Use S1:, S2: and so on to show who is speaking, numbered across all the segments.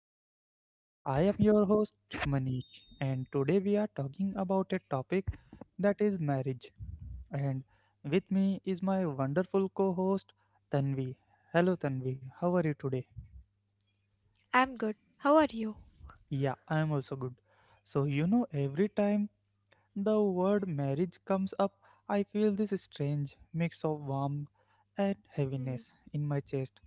S1: podcast. I am your host, Manish, and today we are talking about a topic that is marriage. And with me is my wonderful co host, Tanvi. Hello, Tanvi, how are you today?
S2: I'm good. How are you?
S1: Yeah, I am also good. Every time the word marriage comes up, I feel this strange mix of warmth and heaviness in my chest.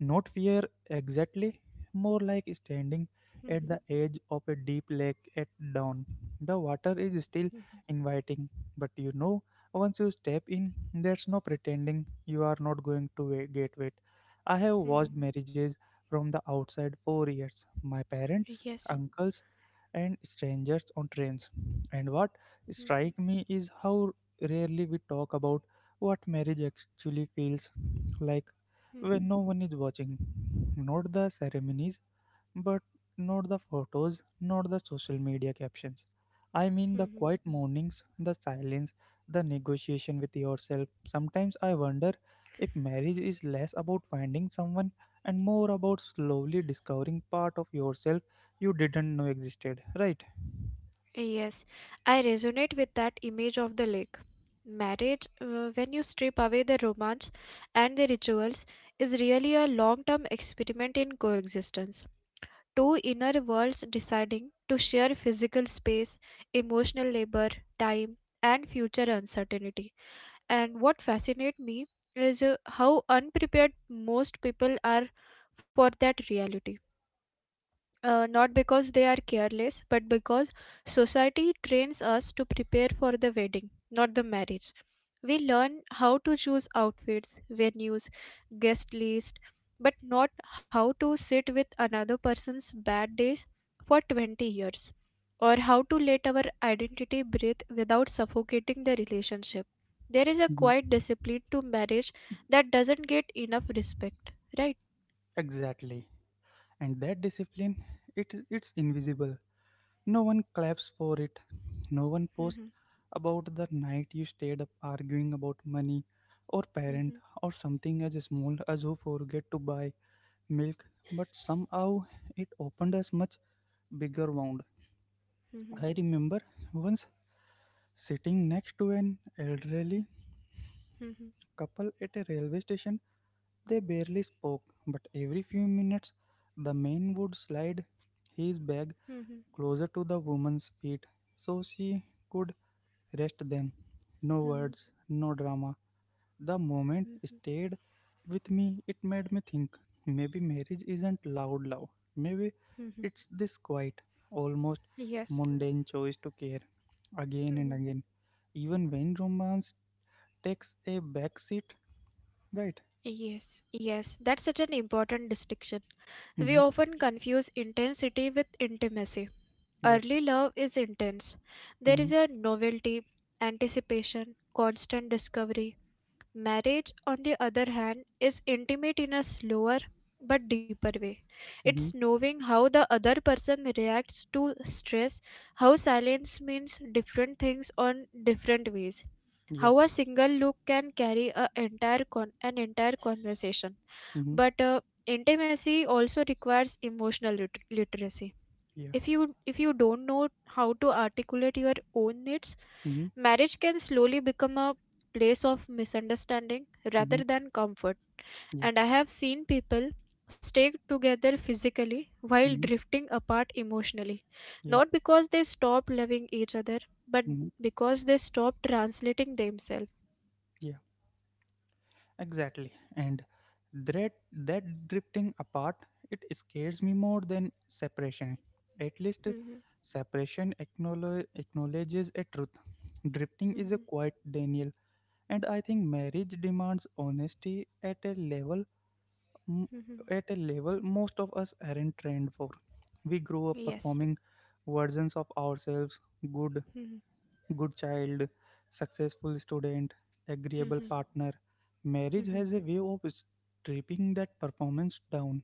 S1: Not fear exactly, more like standing at the edge of a deep lake at dawn. The water is still inviting, but once you step in, there's no pretending you are not going to get wet. I have watched marriages from the outside for years. My parents,
S2: Yes.
S1: uncles, and strangers on trains. And what strikes me is how rarely we talk about what marriage actually feels like when no one is watching. Not the ceremonies, but not the photos, not the social media captions. I mean the quiet mornings, the silence, the negotiation with yourself. Sometimes I wonder if marriage is less about finding someone and more about slowly discovering part of yourself you didn't know existed, right?
S2: Yes, I resonate with that image of the lake. Marriage, when you strip away the romance and the rituals, is really a long term experiment in coexistence. Two inner worlds deciding to share physical space, emotional labor, time, and future uncertainty. And what fascinates me is how unprepared most people are for that reality, not because they are careless, but because society trains us to prepare for the wedding, not the marriage. We learn how to choose outfits, venues, guest list, but not how to sit with another person's bad days for 20 years, or how to let our identity breathe without suffocating the relationship. There is a
S1: Mhm.
S2: quiet discipline to marriage that doesn't get enough respect, right?
S1: Exactly. And that discipline, it is. It's invisible. No one claps for it. No one posts
S2: Mhm,
S1: about the night you stayed up arguing about money or parent
S2: mhm,
S1: or something as small as who forget to buy milk, but somehow it opened as much bigger wound.
S2: mhm,
S1: I remember once sitting next to an elderly
S2: mhm, mhm.
S1: couple at a railway station. They barely spoke, but every few minutes the man would slide his bag
S2: Mhm.
S1: closer to the woman's feet so she could Rest then. No
S2: Mhm,
S1: words, no drama. The moment
S2: mhm,
S1: stayed with me. It made me think maybe marriage isn't loud love. Maybe
S2: mhm.
S1: it's this quiet, almost
S2: Yes.
S1: mundane choice to care again and
S2: Mhm.
S1: again. Even when romance takes a back seat, right?
S2: Yes, yes, that's such an important distinction.
S1: Mm-hmm.
S2: We often confuse intensity with intimacy.
S1: Yeah.
S2: Early love is intense. There
S1: Mm-hmm.
S2: is a novelty, anticipation, constant discovery. Marriage, on the other hand, is intimate in a slower but deeper way. It's
S1: Mm-hmm.
S2: knowing how the other person reacts to stress, how silence means different things on different ways,
S1: Yeah.
S2: how a single look can carry an entire conversation,
S1: Mm-hmm.
S2: but intimacy also requires emotional literacy.
S1: Yeah.
S2: If you don't know how to articulate your own needs,
S1: Mm-hmm.
S2: marriage can slowly become a place of misunderstanding rather
S1: Mm-hmm.
S2: than comfort,
S1: Yeah.
S2: and I have seen people stay together physically while
S1: Mm-hmm.
S2: drifting apart emotionally,
S1: Yeah.
S2: not because they stop loving each other, but
S1: Mm-hmm.
S2: because they stop translating themselves.
S1: Yeah. Exactly. And that drifting apart, it scares me more than separation. At least
S2: Mhm.
S1: acknowledges a truth. Drifting is a
S2: Mhm,
S1: quiet denial, and I think marriage demands honesty at a level m-
S2: mhm.
S1: at a level most of us aren't trained for. We grow up
S2: Yes.
S1: performing versions of ourselves, good
S2: Mhm,
S1: good child, successful student, agreeable
S2: mhm,
S1: partner. Marriage
S2: mhm.
S1: has a way of stripping that performance down.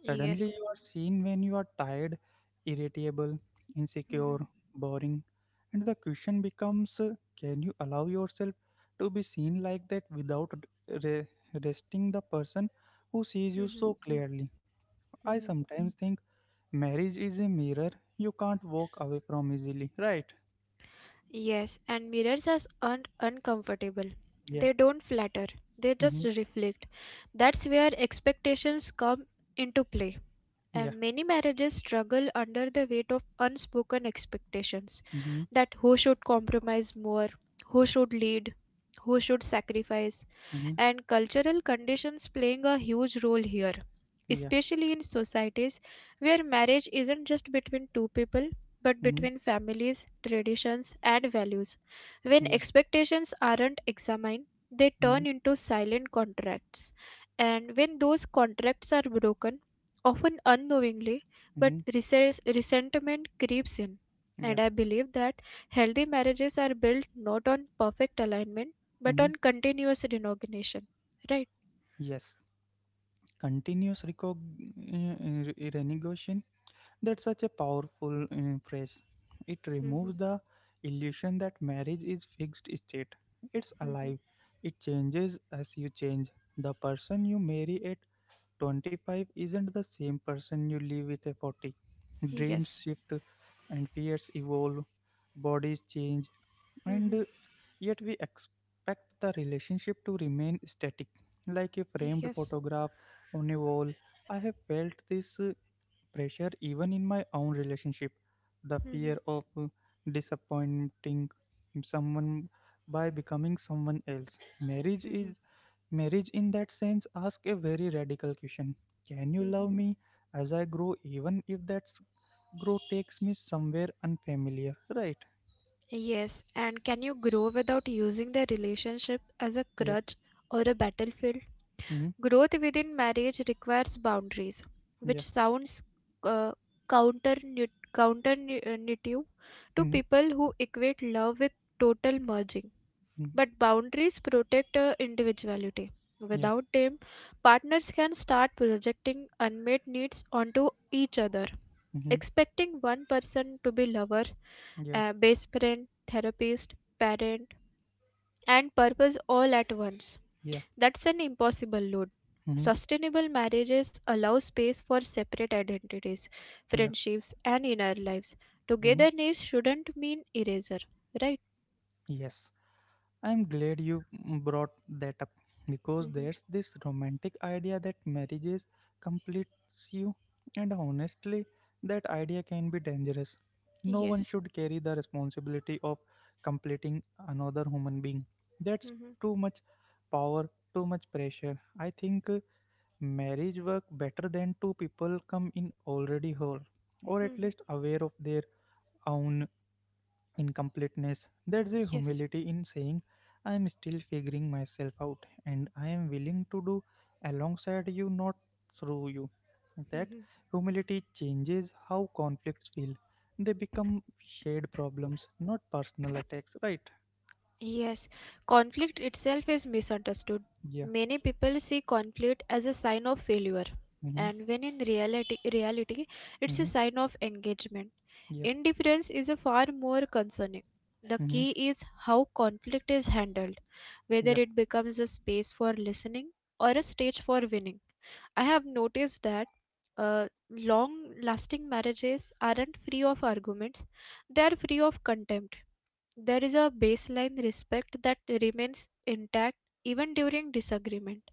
S1: Suddenly,
S2: Yes.
S1: you are seen when you are tired, irritable, insecure,
S2: Mhm,
S1: boring, and the question becomes can you allow yourself to be seen like that without re- resting the person who sees you
S2: mhm,
S1: so clearly? I
S2: mhm.
S1: sometimes think marriage is a mirror you can't walk away from easily, right?
S2: Yes, and mirrors are un uncomfortable.
S1: Yeah.
S2: They don't flatter, they just
S1: Mm-hmm.
S2: reflect. That's where expectations come into play.
S1: Yeah.
S2: And many marriages struggle under the weight of unspoken expectations,
S1: Mm-hmm.
S2: that who should compromise more, who should lead, who should sacrifice,
S1: Mhm.
S2: and cultural conditions playing a huge role here,
S1: Yeah.
S2: especially in societies where marriage isn't just between two people but
S1: Mhm.
S2: between families, traditions, and values. When
S1: Yeah.
S2: expectations aren't examined, they
S1: Mhm.
S2: turn into silent contracts. And when those contracts are broken, often unknowingly, but
S1: Mhm.
S2: resentment creeps in. And
S1: Yeah.
S2: I believe that healthy marriages are built not on perfect alignment but
S1: Mhm.
S2: on continuous recognition, right?
S1: Yes. Continuous renegotiation. That's such a powerful phrase. It
S2: Mm-hmm,
S1: removes the illusion that marriage is fixed state. It's
S2: mm-hmm.
S1: alive. It changes as you change. The person you marry at 25 isn't the same person you live with at 40. Dreams
S2: Yes.
S1: shift and fears evolve. Bodies change and
S2: Mm-hmm.
S1: uh, yet we expect the relationship to remain static like a framed
S2: Yes.
S1: photograph on a wall. I have felt this pressure even in my own relationship, the
S2: Hmm.
S1: fear of disappointing someone by becoming someone else.
S2: Hmm.
S1: Marriage in that sense asks a very radical question: can you
S2: Hmm.
S1: love me as I grow, even if that grow takes me somewhere unfamiliar, right?
S2: Yes. And can you grow without using the relationship as a
S1: Yeah.
S2: crutch or a battlefield?
S1: Hmm.
S2: Growth within marriage requires boundaries, which
S1: Yeah.
S2: sounds uh, counter counterintuitive to
S1: Hmm.
S2: people who equate love with total merging. But boundaries protect individuality.
S1: Yeah.
S2: Without them, partners can start projecting unmet needs onto each other.
S1: Mm-hmm.
S2: Expecting one person to be lover,
S1: Yeah.
S2: best friend, therapist, parent, and purpose all at once.
S1: Yeah.
S2: That's an impossible load.
S1: Mm-hmm.
S2: Sustainable marriages allow space for separate identities,
S1: Yeah.
S2: friendships, and inner lives.
S1: Mm-hmm.
S2: Togetherness shouldn't mean erasure, right?
S1: Yes. I'm glad you brought that up because
S2: Hmm.
S1: there's this romantic idea that marriages completes you, and honestly, that idea can be dangerous. No one
S2: Yes.
S1: should carry the responsibility of completing another human being. That's
S2: Hmm.
S1: too much power, too much pressure. I think marriage work better than two people come in already whole or at
S2: Hmm.
S1: least aware of their own incompleteness. There's a
S2: Yes.
S1: humility in saying, I am still figuring myself out and I am willing to do alongside you, not through you. That
S2: Mhm.
S1: humility changes how conflicts feel. They become shared problems, not personal attacks, right?
S2: Yes, conflict itself is misunderstood.
S1: Yeah.
S2: Many people see conflict as a sign of failure,
S1: Mm-hmm.
S2: and when in reality, it's a
S1: Mm-hmm.
S2: sign of engagement.
S1: Yeah.
S2: Indifference is a far more concerning. The
S1: Mm-hmm.
S2: key is how conflict is handled, whether
S1: Yeah.
S2: it becomes a space for listening or a stage for winning. I have noticed that long lasting marriages aren't free of arguments, they are free of contempt. There is a baseline respect that remains intact even during disagreement.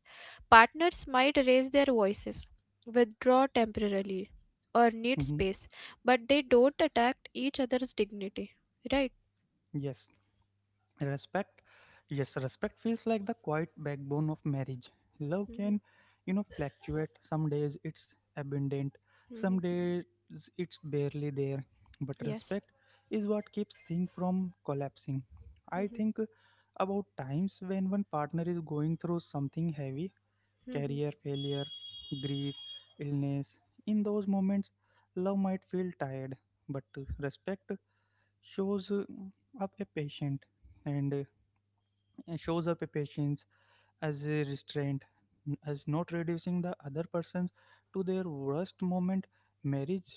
S2: Partners might raise their voices, withdraw temporarily, or
S1: Mm-hmm.
S2: need space, but they don't attack each other's dignity. Right?
S1: Yes. Respect. Yes, respect feels like the quiet backbone of marriage. Love can,
S2: Mhm,
S1: you know, fluctuate. Some days it's abundant, some
S2: mhm.
S1: days it's barely there, but
S2: Yes.
S1: respect is what keeps things from collapsing. I
S2: Mhm,
S1: think about times when one partner is going through something heavy:
S2: mhm,
S1: career failure, grief, illness. In those moments, love might feel tired, but respect shows uh, up a patient and uh, shows up a patience as a restraint, as not reducing the other persons to their worst moment.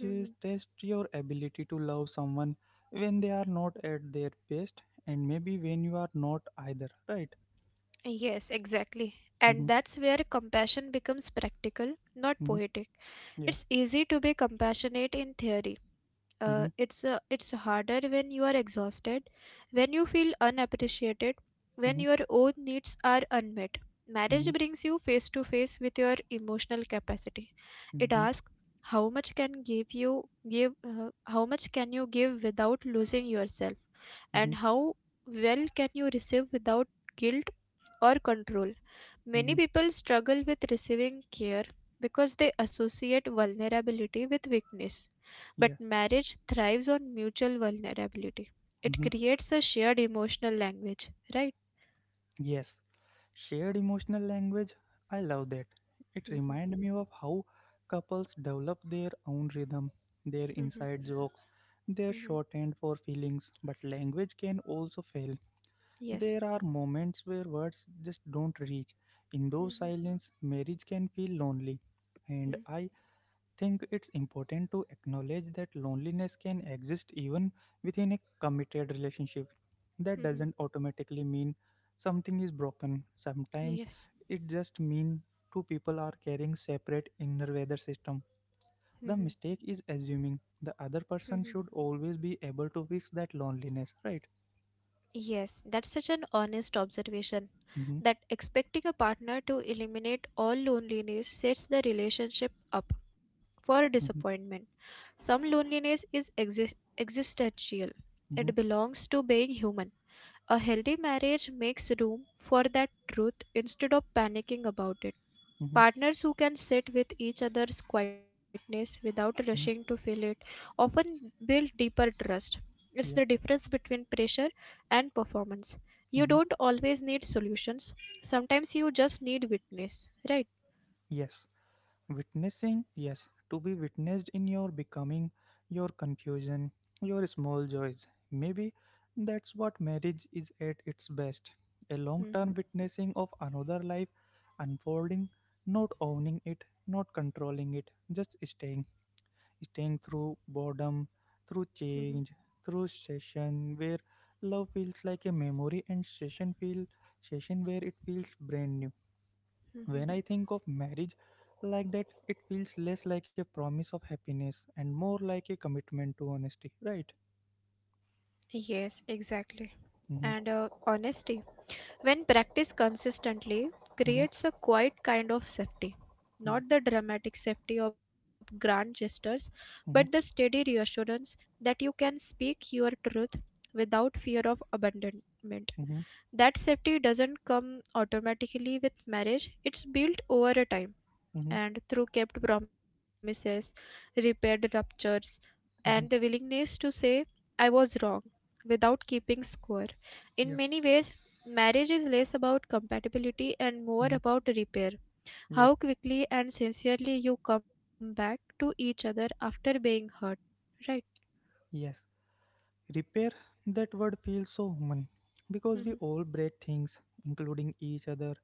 S2: mhm.
S1: test your ability to love someone when they are not at their best, and maybe when you are not either. Right?
S2: Yes, exactly. And
S1: Mm-hmm.
S2: that's where compassion becomes practical, not
S1: Mm-hmm.
S2: poetic.
S1: Yeah.
S2: It's easy to be compassionate in theory.
S1: Mm-hmm.
S2: It's it's harder when you are exhausted, when you feel unappreciated, when
S1: Mm-hmm.
S2: your own needs are unmet. Marriage
S1: Mm-hmm.
S2: brings you face to face with your emotional capacity. It
S1: Mm-hmm.
S2: asks how much can give you how much can you give without losing yourself,
S1: Mm-hmm.
S2: and how well can you receive without guilt or control.
S1: Mm-hmm.
S2: Many people struggle with receiving care because they associate vulnerability with weakness. But
S1: Yeah.
S2: marriage thrives on mutual vulnerability. It
S1: Mm-hmm.
S2: creates a shared emotional language, right?
S1: Yes, shared emotional language. I love that. It
S2: Mhm,
S1: reminds me of how couples develop their own rhythm, their
S2: mhm,
S1: inside jokes, their
S2: mhm.
S1: shorthand for feelings, but language can also fail.
S2: Yes.
S1: There are moments where words just don't reach. In those
S2: Mhm,
S1: silence, marriage can feel lonely. And
S2: mhm,
S1: I think it's important to acknowledge that loneliness can exist even within a committed relationship. That
S2: mhm.
S1: doesn't automatically mean something is broken. Sometimes
S2: Yes.
S1: it just means two people are carrying separate inner weather system. The
S2: Mhm,
S1: mistake is assuming the other person
S2: mhm.
S1: should always be able to fix that loneliness, right?
S2: Yes, that's such an honest observation,
S1: Mm-hmm.
S2: that expecting a partner to eliminate all loneliness sets the relationship up for
S1: Mm-hmm.
S2: disappointment. Some loneliness is existential, it
S1: Mm-hmm.
S2: belongs to being human. A healthy marriage makes room for that truth instead of panicking about it.
S1: Mm-hmm.
S2: Partners who can sit with each other's quietness without rushing to
S1: Mm-hmm.
S2: fill it often build deeper trust. It's the
S1: Yeah.
S2: difference between pressure and performance. You
S1: Mm-hmm.
S2: don't always need solutions, sometimes you just need witness, right?
S1: Yes. Witnessing, yes, to be witnessed in your becoming, your confusion, your small joys. Maybe that's what marriage is at its best, a long term
S2: Mhm,
S1: witnessing of another life unfolding, not owning it, not controlling it, just staying. Staying through boredom, through
S2: mhm,
S1: change, through session where love feels like a memory and session feel session where it feels brand new.
S2: mhm.
S1: When I think of marriage like that, it feels less like a promise of happiness and more like a commitment to honesty, right?
S2: Yes, exactly.
S1: Mm-hmm.
S2: And honesty, when practiced consistently,
S1: Mm-hmm.
S2: creates a quiet kind of safety.
S1: Yeah.
S2: Not the dramatic safety of grand gestures, but the
S1: Mm-hmm.
S2: steady reassurance that you can speak your truth without fear of abandonment.
S1: Mm-hmm.
S2: That safety doesn't come automatically with marriage, it's built over a time
S1: Mm-hmm.
S2: and through kept promises, repaired ruptures, and the
S1: Mm-hmm.
S2: willingness to say, I was wrong, without keeping score. In
S1: Yeah.
S2: many ways, marriage is less about compatibility and more
S1: Mm-hmm.
S2: about repair.
S1: Yeah.
S2: How quickly and sincerely you come back to each other after being hurt. Right?
S1: Yes. Repair, that word feels so human because we all
S2: Mhm,
S1: break things, including each other.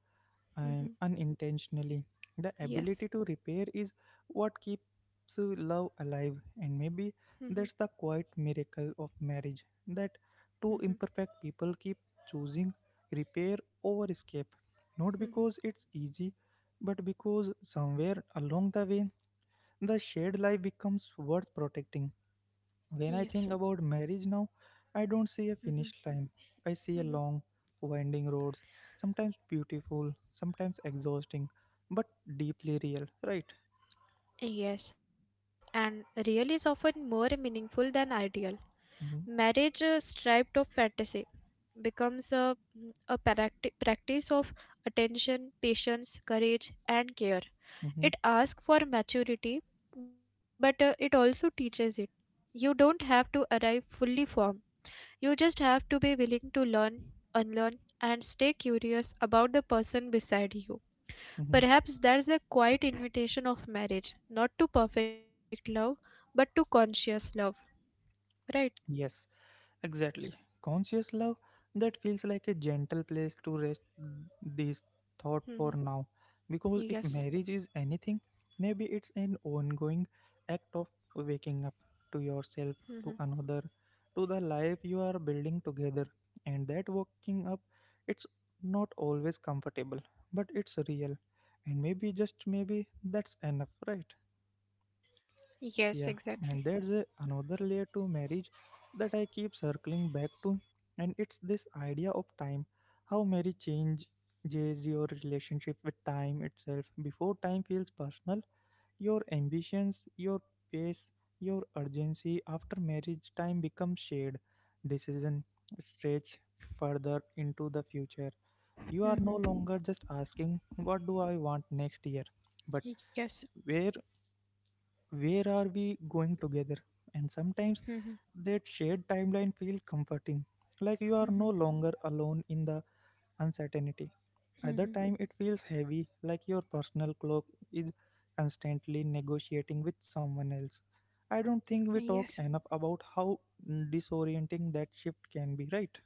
S1: And
S2: mhm.
S1: unintentionally. The ability to
S2: Yes.
S1: repair is what keeps love alive, and maybe
S2: Mhm,
S1: that's the quiet miracle of marriage, that two
S2: mhm,
S1: imperfect people keep choosing repair over escape. Not because
S2: mhm.
S1: it's easy, but because somewhere along the way the shared life becomes worth protecting. When I think
S2: Yes.
S1: about marriage now, I don't see a finish line.
S2: Mhm,
S1: I see a long,
S2: mhm.
S1: winding road, sometimes beautiful, sometimes exhausting, but deeply real, right?
S2: Yes, and real is often more meaningful than ideal.
S1: Mm-hmm.
S2: Marriage, stripped of fantasy, becomes a, practice of attention, patience, courage, and care.
S1: Mm-hmm.
S2: It asks for maturity, but it also teaches it. You don't have to arrive fully formed. You just have to be willing to learn, unlearn, and stay curious about the person beside you.
S1: Mm-hmm.
S2: Perhaps that's the quiet invitation of marriage, not to perfect love, but to conscious love. Right?
S1: Yes, exactly. Conscious love, that feels like a gentle place to rest this thought for now. Because if marriage
S2: Yes.
S1: is anything, maybe it's an ongoing act of waking up to yourself,
S2: Mm-hmm.
S1: to another, to the life you are building together. And that waking up, it's not always comfortable, but it's real. And maybe, just maybe, that's enough, right?
S2: Yes,
S1: Yeah,
S2: exactly.
S1: another layer to marriage that I keep circling back to, and it's this idea of time. How marriage changes your relationship with time itself. Before, time feels personal, your ambitions, your pace, your urgency. After marriage, time becomes shared. Decision stretch further into the future. You are no
S2: Mm-hmm.
S1: longer just asking, what do I want next year, but
S2: Yes.
S1: where, are we going together? And
S2: Mm-hmm.
S1: sometimes that shared timeline feels comforting, like you are
S2: Mm-hmm.
S1: no longer alone in the uncertainty. Other
S2: Mm-hmm.
S1: time it feels heavy, like your personal clock is constantly negotiating with someone else. I don't
S2: Yes.
S1: think we talk enough about how disorienting that shift can be, right?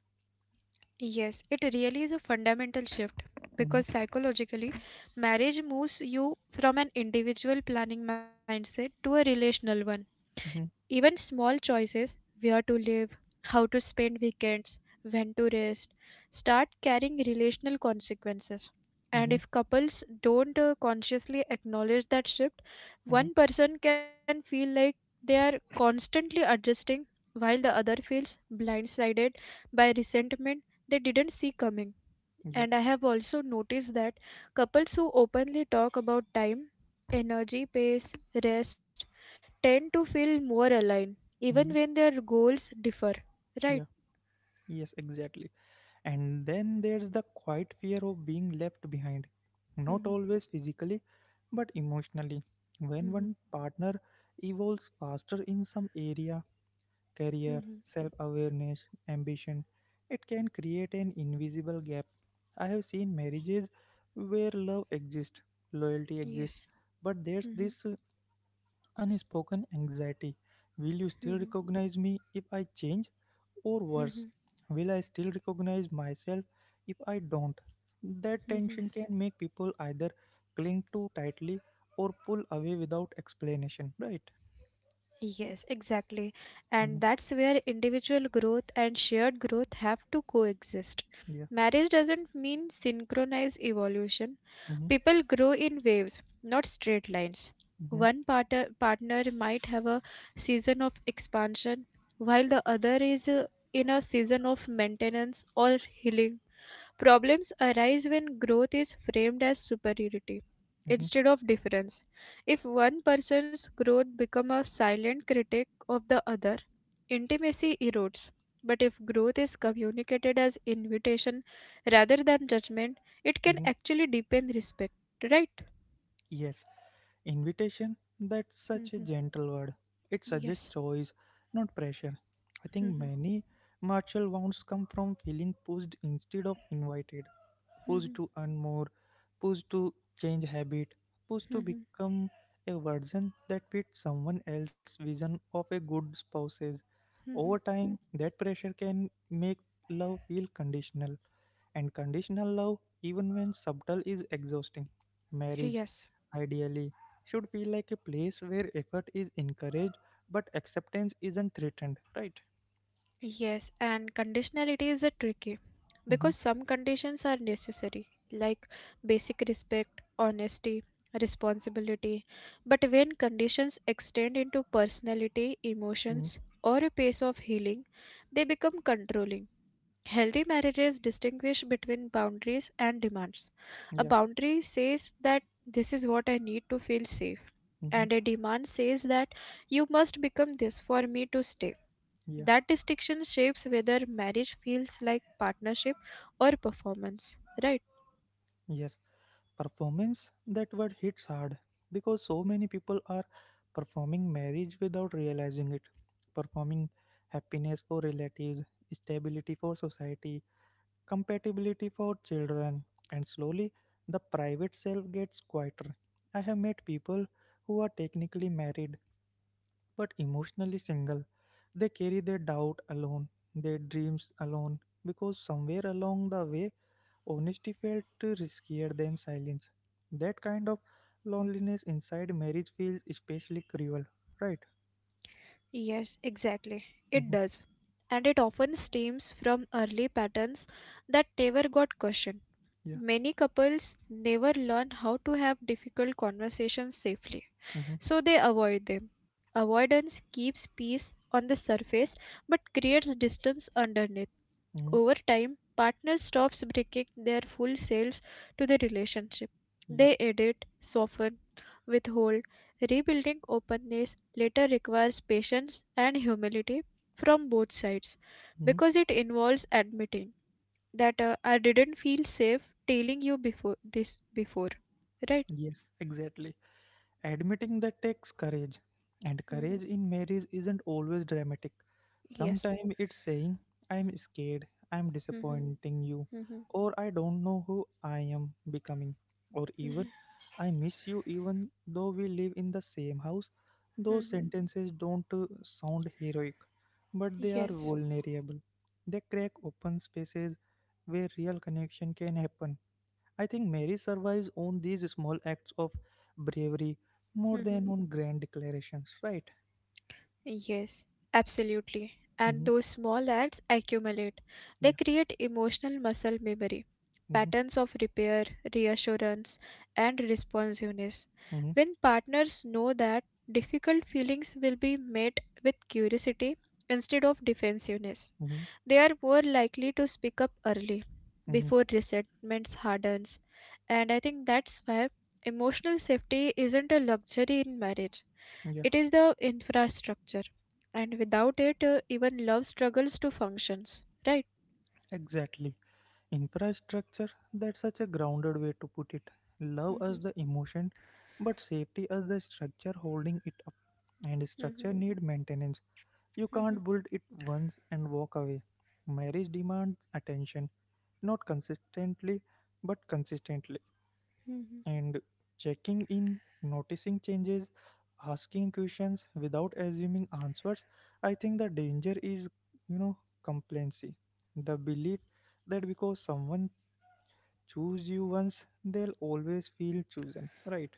S2: Yes, it really is a fundamental shift because
S1: Mm-hmm.
S2: psychologically, marriage moves you from an individual planning mindset to a relational one.
S1: Mm-hmm.
S2: Even small choices, where to live, how to spend weekends, when to rest, start carrying relational consequences. And
S1: Mm-hmm.
S2: if couples don't consciously acknowledge that shift,
S1: Mm-hmm.
S2: one person can feel like they are constantly adjusting while the other feels blindsided by resentment they didn't see coming.
S1: Yeah.
S2: And I have also noticed that couples who openly talk about time, energy, pace, rest tend to feel more aligned,
S1: Mm-hmm.
S2: even when their goals differ. Right?
S1: Yeah. Yes, exactly. And then there's the quiet fear of being left behind, not
S2: Mhm,
S1: always physically, but emotionally. When one
S2: mhm,
S1: partner evolves faster in some area, career,
S2: mhm.
S1: self awareness, ambition, it can create an invisible gap. I have seen marriages where love exists, loyalty exists,
S2: Yes.
S1: but there's
S2: Mhm,
S1: this unspoken anxiety. Will you still
S2: mhm,
S1: recognize me if I change? Or
S2: mhm,
S1: worse, will I still recognize myself if I don't? That
S2: mhm.
S1: tension can make people either cling too tightly or pull away without explanation, right?
S2: Yes, exactly.
S1: Hmm.
S2: And that's where individual growth and shared growth have to coexist.
S1: Yeah.
S2: Marriage doesn't mean synchronize evolution.
S1: Hmm.
S2: People grow in waves, not straight lines.
S1: Hmm.
S2: One partner might have a season of expansion, while the other is in a season of maintenance or healing. Problems arise when growth is framed as superiority
S1: Hmm.
S2: instead of difference. If one person's growth becomes a silent critic of the other, intimacy erodes. But if growth is communicated as invitation rather than judgment, it
S1: Hmm.
S2: can actually deepen respect, right?
S1: Yes, invitation, that's such a
S2: Mhm.
S1: gentle word. It suggests
S2: Yes.
S1: choice, not pressure. I think
S2: Mhm.
S1: many martial wounds come from feeling pushed instead of invited, push
S2: Mhm.
S1: to earn more, push to change habit, push to
S2: Mhm.
S1: become a version that fits someone else's vision of a good spouses. Over
S2: Mhm.
S1: time, that pressure can make love feel conditional, and conditional love, even when subtle, is exhausting. Marriage,
S2: Yes.
S1: ideally, should feel like a place where effort is encouraged but acceptance isn't threatened, right?
S2: Yes, and conditionality is a tricky
S1: Mm-hmm.
S2: because some conditions are necessary, like basic respect, honesty, responsibility. But when conditions extend into personality,
S1: Mm-hmm.
S2: emotions, or a pace of healing, they become controlling. Healthy marriages distinguish between boundaries and demands. A
S1: Yeah.
S2: boundary says that this is what I need to feel safe,
S1: Mm-hmm.
S2: and a demand says that you must become this for me to stay.
S1: Yeah.
S2: That distinction shapes whether marriage feels like partnership or performance, right?
S1: Yes, performance, that word hits hard because so many people are performing marriage without realizing it, performing happiness for relatives, stability for society, compatibility for children, and slowly the private self gets quieter. I have met people who are technically married but emotionally single. They carry their doubt alone, their dreams alone, because somewhere along the way honesty felt riskier than silence. That kind of loneliness inside marriage feels especially cruel, right?
S2: Yes, exactly. It
S1: Mm-hmm.
S2: does. And it often stems from early patterns that never got questioned.
S1: Yeah.
S2: Many couples never learn how to have difficult conversations safely,
S1: Mm-hmm.
S2: so they avoid them. Avoidance keeps peace on the surface but creates distance underneath.
S1: Mm-hmm.
S2: Over time, partners stops breaking their full selves to the relationship.
S1: Yeah.
S2: They edit, soften, withhold. Rebuilding openness later requires patience and humility from both sides
S1: Mm-hmm.
S2: because it involves admitting that, I didn't feel safe telling you before. Right?
S1: Yes, exactly. Admitting that takes courage, and
S2: Hmm.
S1: courage in marriage isn't always dramatic.
S2: Yes.
S1: Sometimes it's saying, I'm scared, I'm
S2: Hmm.
S1: disappointing you,
S2: Hmm.
S1: or I don't know who I am becoming, or even
S2: Hmm.
S1: I miss you even though we live in the same house. Those
S2: Hmm.
S1: sentences don't sound heroic, but they are
S2: Yes.
S1: vulnerable. They crack open spaces where real connection can happen. I think Mary survives on these small acts of bravery more
S2: Mhm.
S1: than on grand declarations, right?
S2: Yes, absolutely. And
S1: Hmm.
S2: those small acts accumulate. They
S1: Yeah.
S2: create emotional muscle memory,
S1: Hmm.
S2: patterns of repair, reassurance, and responsiveness.
S1: Hmm.
S2: When partners know that difficult feelings will be met with curiosity instead of defensiveness,
S1: Hmm.
S2: they are more likely to speak up early
S1: Hmm.
S2: before resentment hardens. And I think that's why emotional safety isn't a luxury in marriage.
S1: Yeah.
S2: It is the infrastructure, and without it, even love struggles to functions, right?
S1: Exactly. Infrastructure, that's such a grounded way to put it. Love as
S2: Mhm,
S1: the emotion, but safety as the structure holding it up. And
S2: mhm,
S1: structure need maintenance. You
S2: mhm,
S1: can't build it once and walk away. Marriage demands attention, not consistently, but consistently,
S2: mhm.
S1: and checking in, noticing changes, asking questions without assuming answers. I think the danger is, you know, complacency. The belief that because someone choose you once, they'll always feel chosen, right?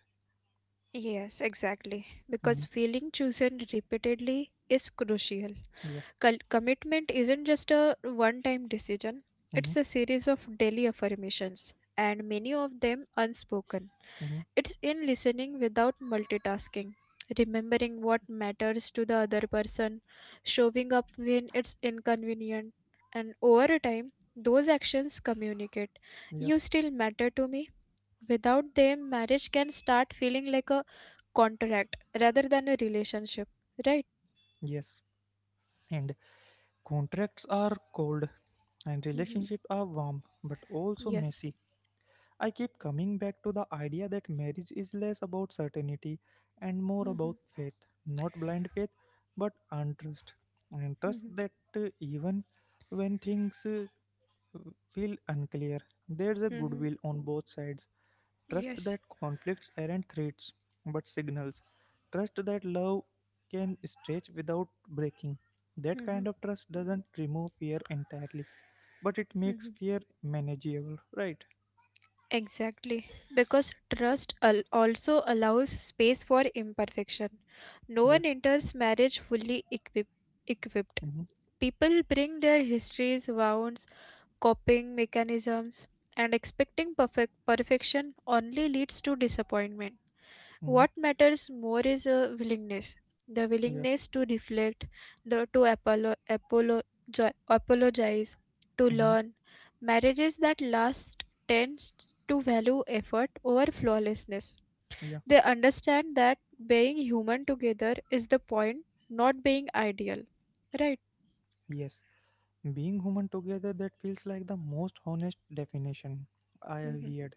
S2: Yes, exactly. Because
S1: Hmm.
S2: feeling chosen repeatedly is crucial.
S1: Yeah.
S2: Commitment isn't just a one time decision,
S1: Hmm.
S2: it's a series of daily affirmations, and many of them unspoken.
S1: Hmm.
S2: It's in listening without multitasking, remembering what matters to the other person, showing up when it's inconvenient, and over time, those actions communicate.
S1: Yeah.
S2: You still matter to me. Without them, marriage can start feeling like a contract rather than a relationship, right?
S1: Yes. And contracts are cold and
S2: Hmm.
S1: relationships are warm, but also
S2: Yes.
S1: messy. I keep coming back to the idea that marriage is less about certainty and more
S2: Hmm.
S1: about faith. Not blind faith, but untrust. And trust
S2: Hmm.
S1: that even when things feel unclear, there's a
S2: Hmm.
S1: goodwill on both sides. Trust
S2: Yes.
S1: that conflicts aren't threats, but signals. Trust that love can stretch without breaking. That
S2: Hmm.
S1: kind of trust doesn't remove fear entirely, but it makes fear manageable, right?
S2: Exactly, because trust also allows space for imperfection. No
S1: Yeah.
S2: one enters marriage equipped.
S1: Mm-hmm.
S2: People bring their histories, wounds, coping mechanisms, and expecting perfect perfection only leads to disappointment.
S1: Mm-hmm.
S2: What matters more is a willingness, the
S1: Yeah.
S2: willingness to reflect, the, to apolo, apolo, jo- apologize, to
S1: Mm-hmm.
S2: learn. Marriages that last tend to value effort over flawlessness.
S1: Yeah,
S2: They understand that being human together is the point, not being ideal. Right?
S1: yes. Being human together, that feels like the most honest definition I have
S2: Hmm.
S1: heard.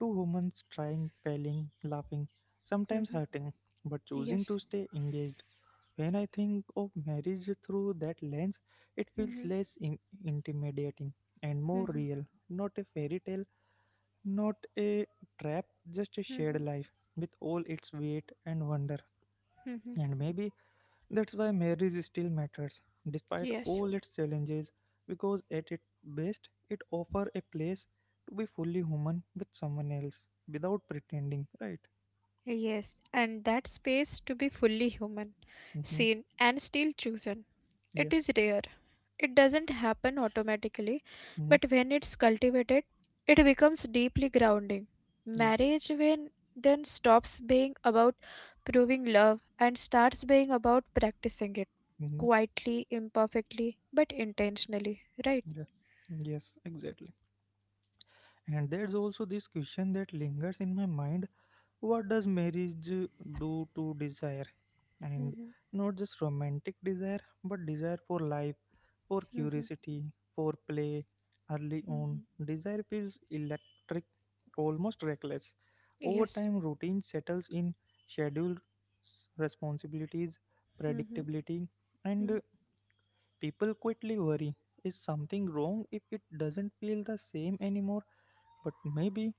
S1: Two humans trying, failing, laughing, sometimes
S2: Hmm.
S1: hurting, but choosing
S2: Yes.
S1: to stay engaged. When I think of marriage through that lens, it feels
S2: Mm-hmm.
S1: less intimidating and more real. Not a fairy tale, not a trap, just a shared
S2: Mm-hmm.
S1: life with all its weight and wonder.
S2: Hmm.
S1: And maybe that's why marriage still matters, despite
S2: Yes.
S1: all its challenges, because at its best, it offers a place to be fully human with someone else without pretending, right?
S2: Yes, and that space to be fully human,
S1: Mm-hmm.
S2: seen, and still chosen.
S1: Yeah.
S2: It is rare. It doesn't happen automatically,
S1: Mm-hmm.
S2: but when it's cultivated, it becomes deeply grounding.
S1: Yeah.
S2: Marriage when then stops being about proving love and starts being about practicing it
S1: Mm-hmm.
S2: quietly, imperfectly, but intentionally, right?
S1: Yeah. Yes, exactly. And there's also this question that lingers in my mind: what does marriage do to desire? And
S2: Mhm.
S1: not just romantic desire, but desire for life, for
S2: Mhm.
S1: curiosity, for play. Early on,
S2: Mhm.
S1: desire feels electric, almost reckless. Over
S2: Yes.
S1: time, routine settles in: scheduled responsibilities,
S2: Mhm.
S1: predictability, and
S2: Mhm.
S1: people quickly worry, is something wrong if it doesn't feel the same anymore? But maybe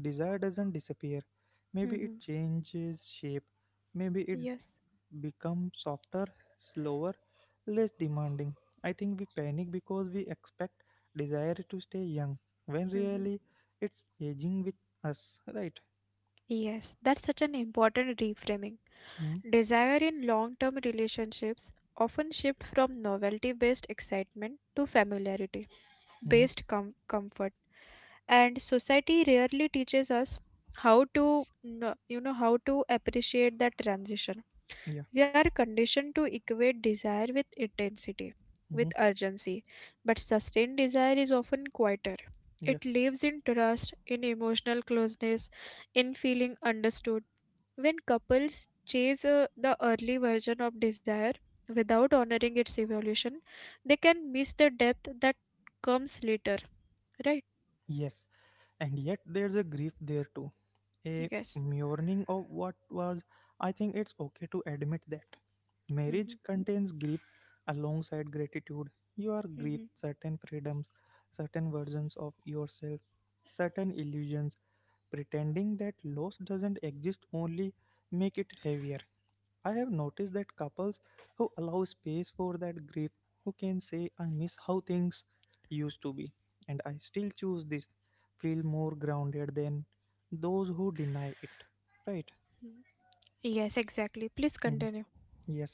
S1: desire doesn't disappear. Maybe it
S2: Mhm.
S1: changes shape. Maybe it
S2: Yes.
S1: become softer, slower, less demanding. I think we panic because we expect desire to stay young when
S2: Mm-hmm.
S1: really it's aging with us, right?
S2: Yes, that's such an important reframing. Desire in long term relationships often shift from novelty based excitement to familiarity
S1: Mm-hmm.
S2: based comfort. And society rarely teaches us how to how to appreciate that transition.
S1: Yeah.
S2: We are conditioned to equate desire with intensity, with
S1: Mm-hmm.
S2: urgency, but sustained desire is often quieter.
S1: Yeah.
S2: It lives in trust, in emotional closeness, in feeling understood when couples chase the early version of desire without honoring its evolution, they can miss the depth that comes later, right?
S1: Yes. And yet there's a grief there too. A
S2: Yes.
S1: mourning of what was. I think it's okay to admit that.
S2: Hmm.
S1: Marriage contains grief alongside gratitude. You are grief
S2: Hmm.
S1: certain freedoms, certain versions of yourself, certain illusions. Pretending that loss doesn't exist only make it heavier. I have noticed that couples who allow space for that grief, who can say, I miss how things used to be and I still choose this, feel more grounded than those who deny it, right?
S2: Yes, exactly. Please
S1: Mhm.
S2: continue.
S1: Yes.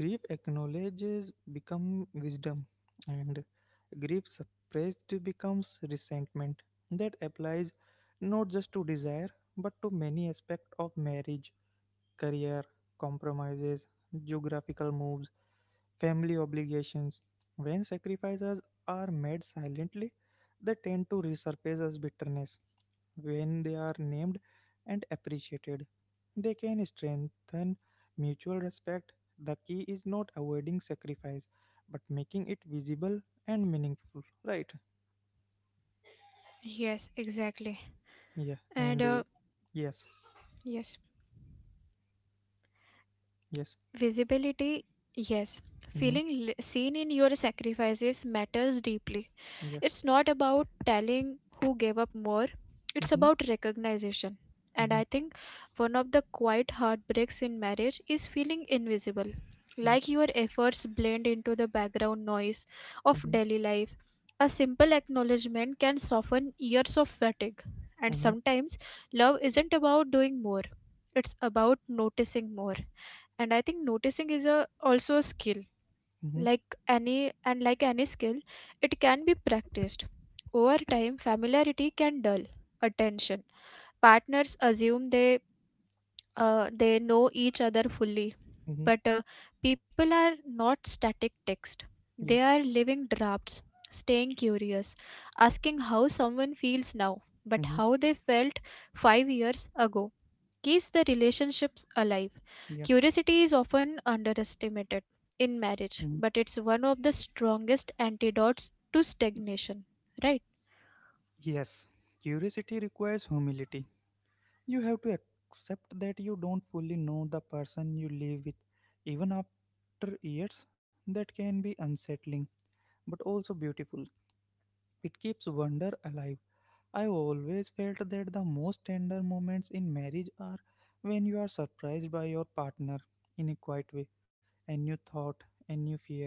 S1: Grief acknowledges become wisdom, and grief suppressed becomes resentment. That applies not just to desire, but to many aspects of marriage: career, compromises, geographical moves, family obligations. When sacrifices are made silently, they tend to resurface as bitterness. When they are named and appreciated, they can strengthen mutual respect. The key is not avoiding sacrifice, but making it visible and meaningful. Right?
S2: Yes, exactly.
S1: Yeah.
S2: And
S1: And yes,
S2: yes.
S1: yes.
S2: Visibility, yes.
S1: Mm-hmm.
S2: Feeling seen in your sacrifices matters deeply.
S1: Yeah.
S2: It's not about telling who gave up more, it's
S1: Mm-hmm.
S2: about recognition. And
S1: Mm-hmm.
S2: I think one of the quiet heartbreaks in marriage is feeling invisible,
S1: Yeah.
S2: like your efforts blend into the background noise of
S1: Mm-hmm.
S2: daily life. A simple acknowledgement can soften years of fatigue. And
S1: Mm-hmm.
S2: sometimes love isn't about doing more, it's about noticing more. And I think noticing is also a skill,
S1: Mm-hmm.
S2: like any skill, it can be practiced. Over time, familiarity can dull attention. Partners assume they know each other fully,
S1: Mm-hmm.
S2: but people are not static text,
S1: Yeah.
S2: they are living drafts. Staying curious, asking how someone feels now but
S1: Mm-hmm.
S2: how they felt 5 years ago, keeps the relationships alive.
S1: Yeah.
S2: Curiosity is often underestimated in
S1: Mm-hmm.
S2: marriage, but it's one of the strongest antidotes to stagnation, right?
S1: Yes, curiosity requires humility. You have to accept that you don't fully know the person you live with. Even after years, that can be unsettling, but also beautiful. It keeps wonder alive. I always felt that the most tender moments in marriage are when you are surprised by your partner in a quiet way, a new thought, a new fear,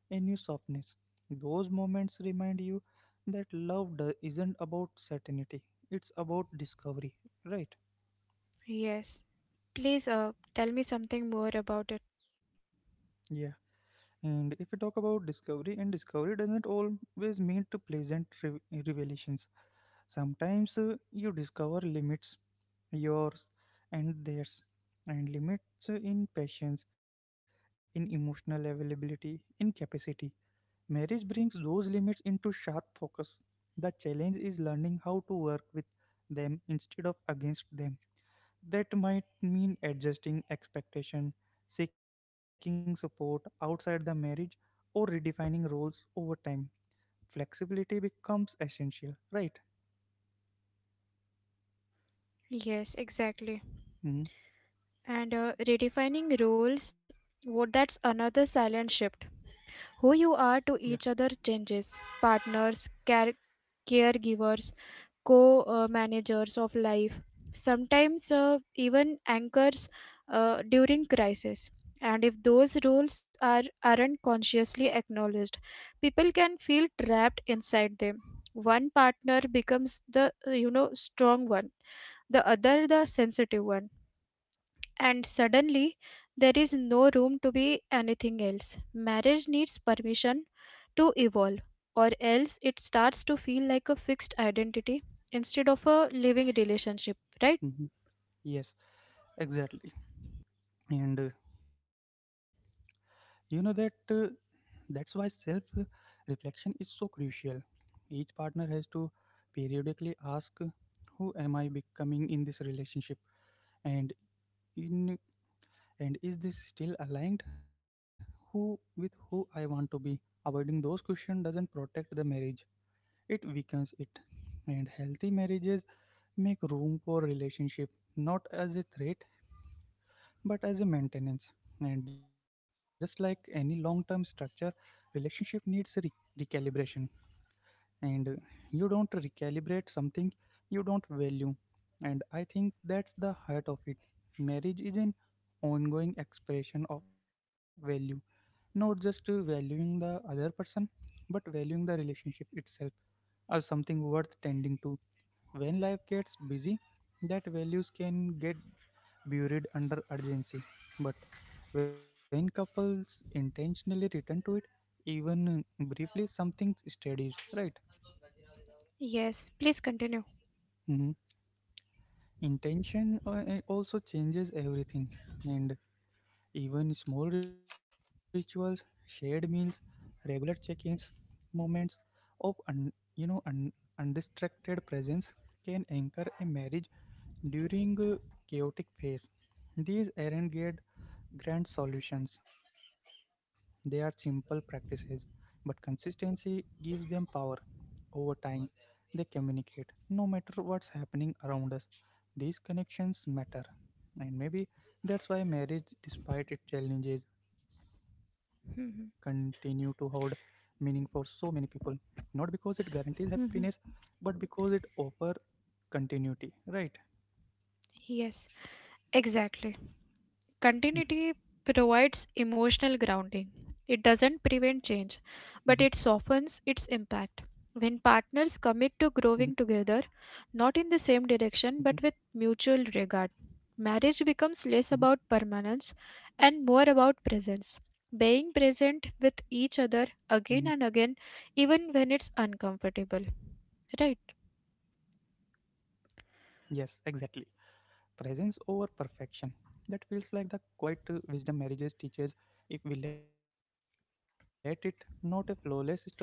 S1: a new softness. Those moments remind you that isn't about certainty, it's about discovery, right?
S2: Yes. Please tell me something more about it.
S1: Yeah. And if we talk about discovery, and discovery doesn't always mean to pleasant revelations. Sometimes you discover limits, yours and theirs, and limits in patience, in emotional availability, in capacity. Marriage brings those limits into sharp focus. The challenge is learning how to work with them instead of against them. That might mean adjusting expectation, seeking support outside the marriage, or redefining roles over time. Flexibility becomes essential, right?
S2: Yes, exactly.
S1: Hmm.
S2: And redefining roles, what that's another silent shift. Who
S1: Yeah.
S2: you are to each other changes. Partners, caregivers, co managers of life, sometimes even anchors during crisis. And if those roles aren't consciously acknowledged, people can feel trapped inside them. One partner becomes the strong one, the other the sensitive one, and suddenly, there is no room to be anything else. Marriage needs permission to evolve, or else it starts to feel like a fixed identity instead of a living relationship, right?
S1: Mm-hmm. Yes, exactly. And you know that that's why self reflection is so crucial. Each partner has to periodically ask who am I becoming in this relationship, and in and is this still aligned who with who I want to be. Avoiding those questions doesn't protect the marriage. It weakens it. And healthy marriages make room for relationship not as a threat but as a maintenance. And just like any long term structure, relationship needs recalibration. And you don't recalibrate something you don't value. And I think that's the heart of it. Marriage is an ongoing expression of value, not just valuing the other person, but valuing the relationship itself as something worth tending to. When life gets busy, that values can get buried under urgency. But when couples intentionally return to it, even briefly, something steadies, right?
S2: Yes, please continue.
S1: Mhm. Intention also changes everything, and even small rituals, shared meals, regular check-ins, moments of un, you know un, undistracted presence can anchor a marriage during a chaotic phase. These aren't good grand solutions. They are simple practices, but consistency gives them power. Over time, they communicate: no matter what's happening around us, these connections matter. And maybe that's why marriage, despite its challenges, continue to hold meaning for so many people. Not because it guarantees happiness,
S2: Mhm.
S1: but because it offers continuity, right?
S2: Yes, exactly. Continuity provides emotional grounding. It
S1: Mhm.
S2: doesn't prevent change, but it softens its impact. When
S1: Mhm.
S2: partners commit to growing together,
S1: Mhm.
S2: not in the same direction but with mutual regard,
S1: Mhm.
S2: marriage becomes less about permanence and more about presence.
S1: Mhm.
S2: Being present with each other again and again, even when it's uncomfortable. Right?
S1: Yes, exactly. Presence over perfection, that feels like the quiet wisdom marriages teaches, if we let it. Not a flawless story, not a constant high,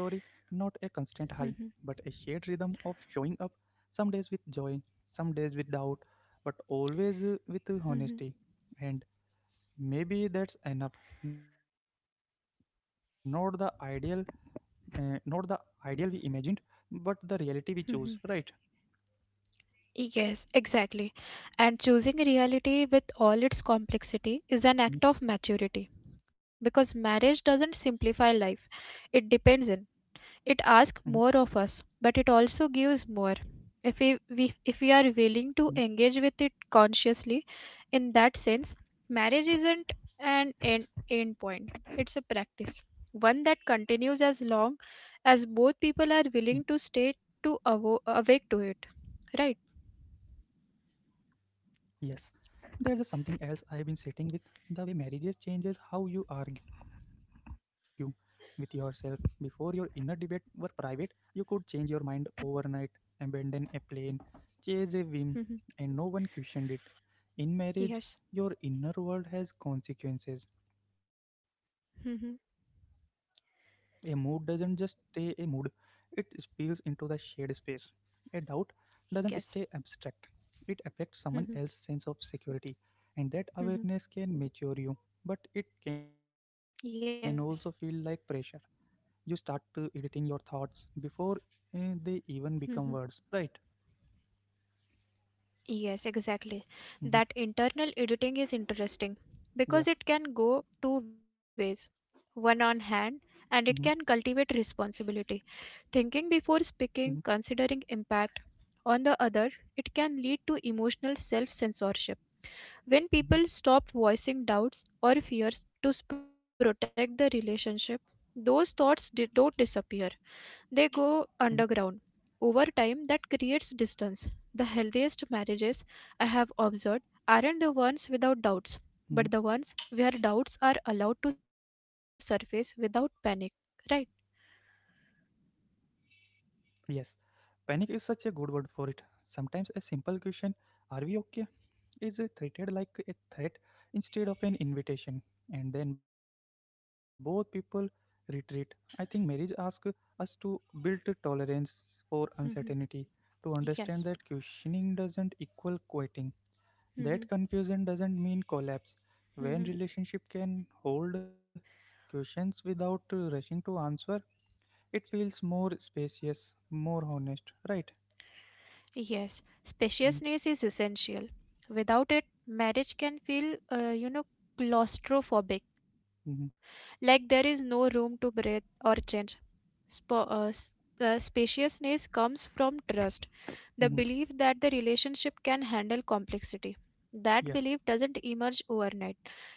S1: but a shared rhythm of showing up, some days with joy, some days with doubt, but always with honesty. And maybe that's enough. Not the ideal uh, not the ideal we imagined, but the reality we chose, right?
S2: Yes, exactly. And choosing reality with all its complexity is an
S1: Mhm.
S2: act of maturity because marriage doesn't simplify life. It
S1: Mhm.
S2: depends in. It asks more of us, but it also gives more. If we,
S1: Mhm.
S2: we if we are willing to engage with it consciously, in that sense, marriage isn't an end point. It's a
S1: Mhm.
S2: practice, one that continues as long as both people are willing to stay, to awake to it, right?
S1: Yes. There's a something else I have been sitting with: the way marriages changes how you argue with yourself. Before, your inner debate were private, you could change your mind overnight, abandon a plan, chase a whim, and no one questioned it. In marriage, your
S2: Yes.
S1: inner world has consequences. A mood
S2: Mhm.
S1: doesn't just stay a mood, it spills into the shared space. A doubt doesn't stay abstract, it
S2: Yes.
S1: affects someone else's sense of
S2: Mhm.
S1: security, and that awareness can
S2: Mhm.
S1: mature you, but it can also feel like
S2: Yes.
S1: pressure. You start editing your thoughts before they even
S2: Mhm.
S1: become words, right?
S2: Yes, exactly. That
S1: Hmm.
S2: internal editing is interesting because
S1: Yeah.
S2: it can go two ways. One on
S1: Hmm.
S2: hand, and it can cultivate responsibility. Thinking
S1: Hmm.
S2: before speaking, considering impact. On the other, it can lead to emotional self censorship. When
S1: Hmm.
S2: people stop voicing doubts or fears to protect the relationship, those thoughts don't disappear. They
S1: Hmm.
S2: go underground. Over time, that creates distance. The healthiest marriages I have observed aren't the ones without doubts,
S1: Hmm.
S2: but the ones where doubts are allowed to surface without panic, right?
S1: Yes, panic is such a good word for it. Sometimes a simple question, are we okay, is treated like a threat instead of an invitation, and then both people retreat. I think marriage asks us to build tolerance for uncertainty,
S2: Mhm.
S1: to understand that
S2: Yes.
S1: questioning doesn't equal quitting, that
S2: Mhm.
S1: confusion doesn't mean collapse. When relationship
S2: Mhm.
S1: can hold questions without rushing to answer, it feels more spacious, more honest, right?
S2: Yes, spaciousness is essential. Without it, marriage can feel, claustrophobic,
S1: Mm-hmm.
S2: like there is no room to breathe or change. Spa- uh, s- Spaciousness comes from trust, the
S1: Hmm.
S2: belief that the relationship can handle complexity.
S1: Yeah.
S2: That belief doesn't emerge overnight.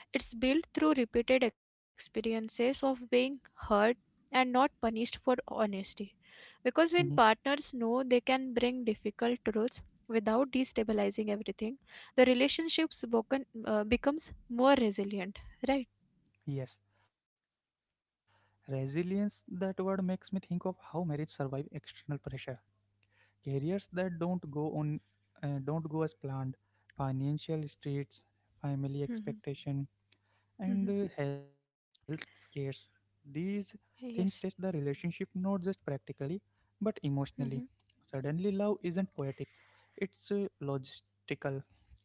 S2: It's built through repeated experiences of being hurt and not punished for honesty.
S1: Hmm.
S2: Because when partners know they can bring difficult truths without destabilizing everything, the relationships becomes more resilient, right?
S1: Yes. Resilience, that word makes me think of how marriage survive external pressure. Careers that don't go as planned, financial straits, family
S2: Mhm.
S1: expectation, and
S2: Mhm.
S1: health scares. These things test the
S2: Yes.
S1: relationship not just practically but emotionally.
S2: Mhm.
S1: Suddenly, love isn't poetic, it's logistical.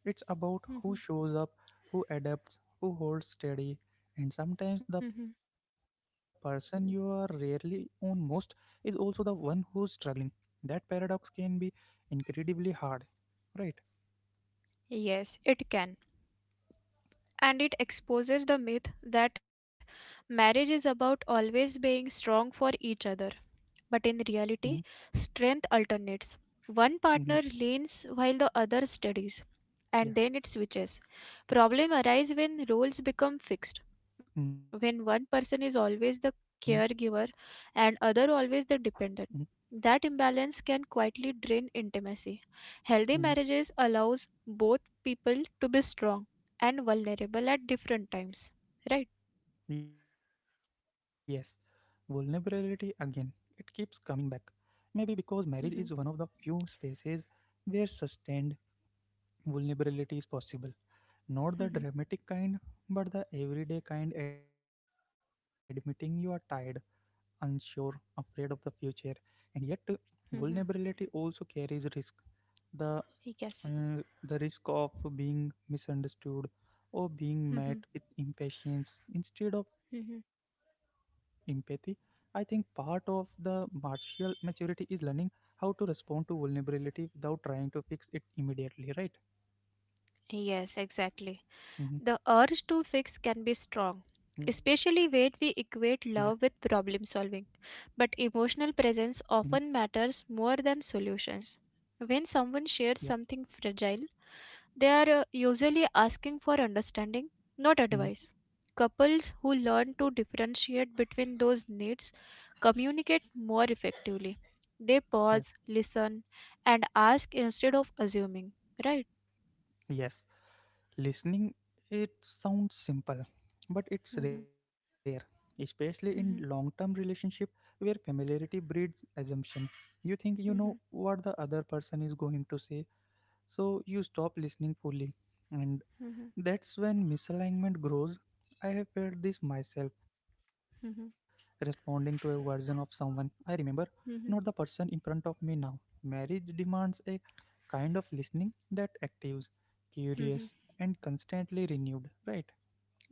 S1: It's about who
S2: Mhm.
S1: shows up, who adapts, who holds steady, and sometimes the
S2: Mhm.
S1: person you are rarely on most is also the one who's struggling. That paradox can be incredibly hard, right?
S2: Yes, it can. And it exposes the myth that marriage is about always being strong for each other.
S1: Mm-hmm.
S2: But in reality, strength alternates.
S1: Mm-hmm.
S2: One partner leans while the other steadies,
S1: Yeah.
S2: and then it switches. Problem arise when roles become fixed,
S1: Mm-hmm.
S2: when one person is always the caregiver and
S1: Mm-hmm.
S2: other always the dependent. That imbalance can quietly drain intimacy.
S1: Mm-hmm.
S2: Healthy marriages allows both people to be strong and vulnerable at different times. Right?
S1: Yes, vulnerability again. It keeps coming back. Maybe because marriage is one
S2: Mhm.
S1: of the few spaces where sustained vulnerability is possible. Not the
S2: Mhm.
S1: dramatic kind, but the everyday kind, admitting you are tired, unsure, afraid of the future. And yet,
S2: Mhm.
S1: vulnerability also carries risk. The
S2: Yes.
S1: the risk of being misunderstood or being
S2: Mhm.
S1: met with impatience instead of
S2: Mhm.
S1: empathy. I think part of the martial maturity is learning how to respond to vulnerability without trying to fix it immediately, right?
S2: Yes, exactly.
S1: Hmm.
S2: The urge to fix can be strong,
S1: Yeah.
S2: especially when we equate love with problem solving.
S1: Hmm.
S2: But emotional presence often matters more than solutions.
S1: Yeah.
S2: When someone shares something fragile, they are usually asking for understanding, not
S1: Hmm.
S2: advice. Couples who learn to differentiate between those needs communicate more effectively.
S1: Yeah.
S2: They pause, listen, and ask instead of assuming, right?
S1: Yes. Listening, it sounds simple, but it's rare,
S2: Mhm.
S1: especially in long term
S2: Mhm.
S1: relationship where familiarity breeds assumption. You think you know
S2: Mhm.
S1: what the other person is going to say, so you stop listening fully. And
S2: Mhm.
S1: that's when misalignment grows. I have felt this myself, responding
S2: Mhm.
S1: to a version of someone I remember, not the
S2: Mhm.
S1: person in front of me now. Marriage demands a kind of listening that actives,
S2: Mhm.
S1: curious, and constantly renewed, right?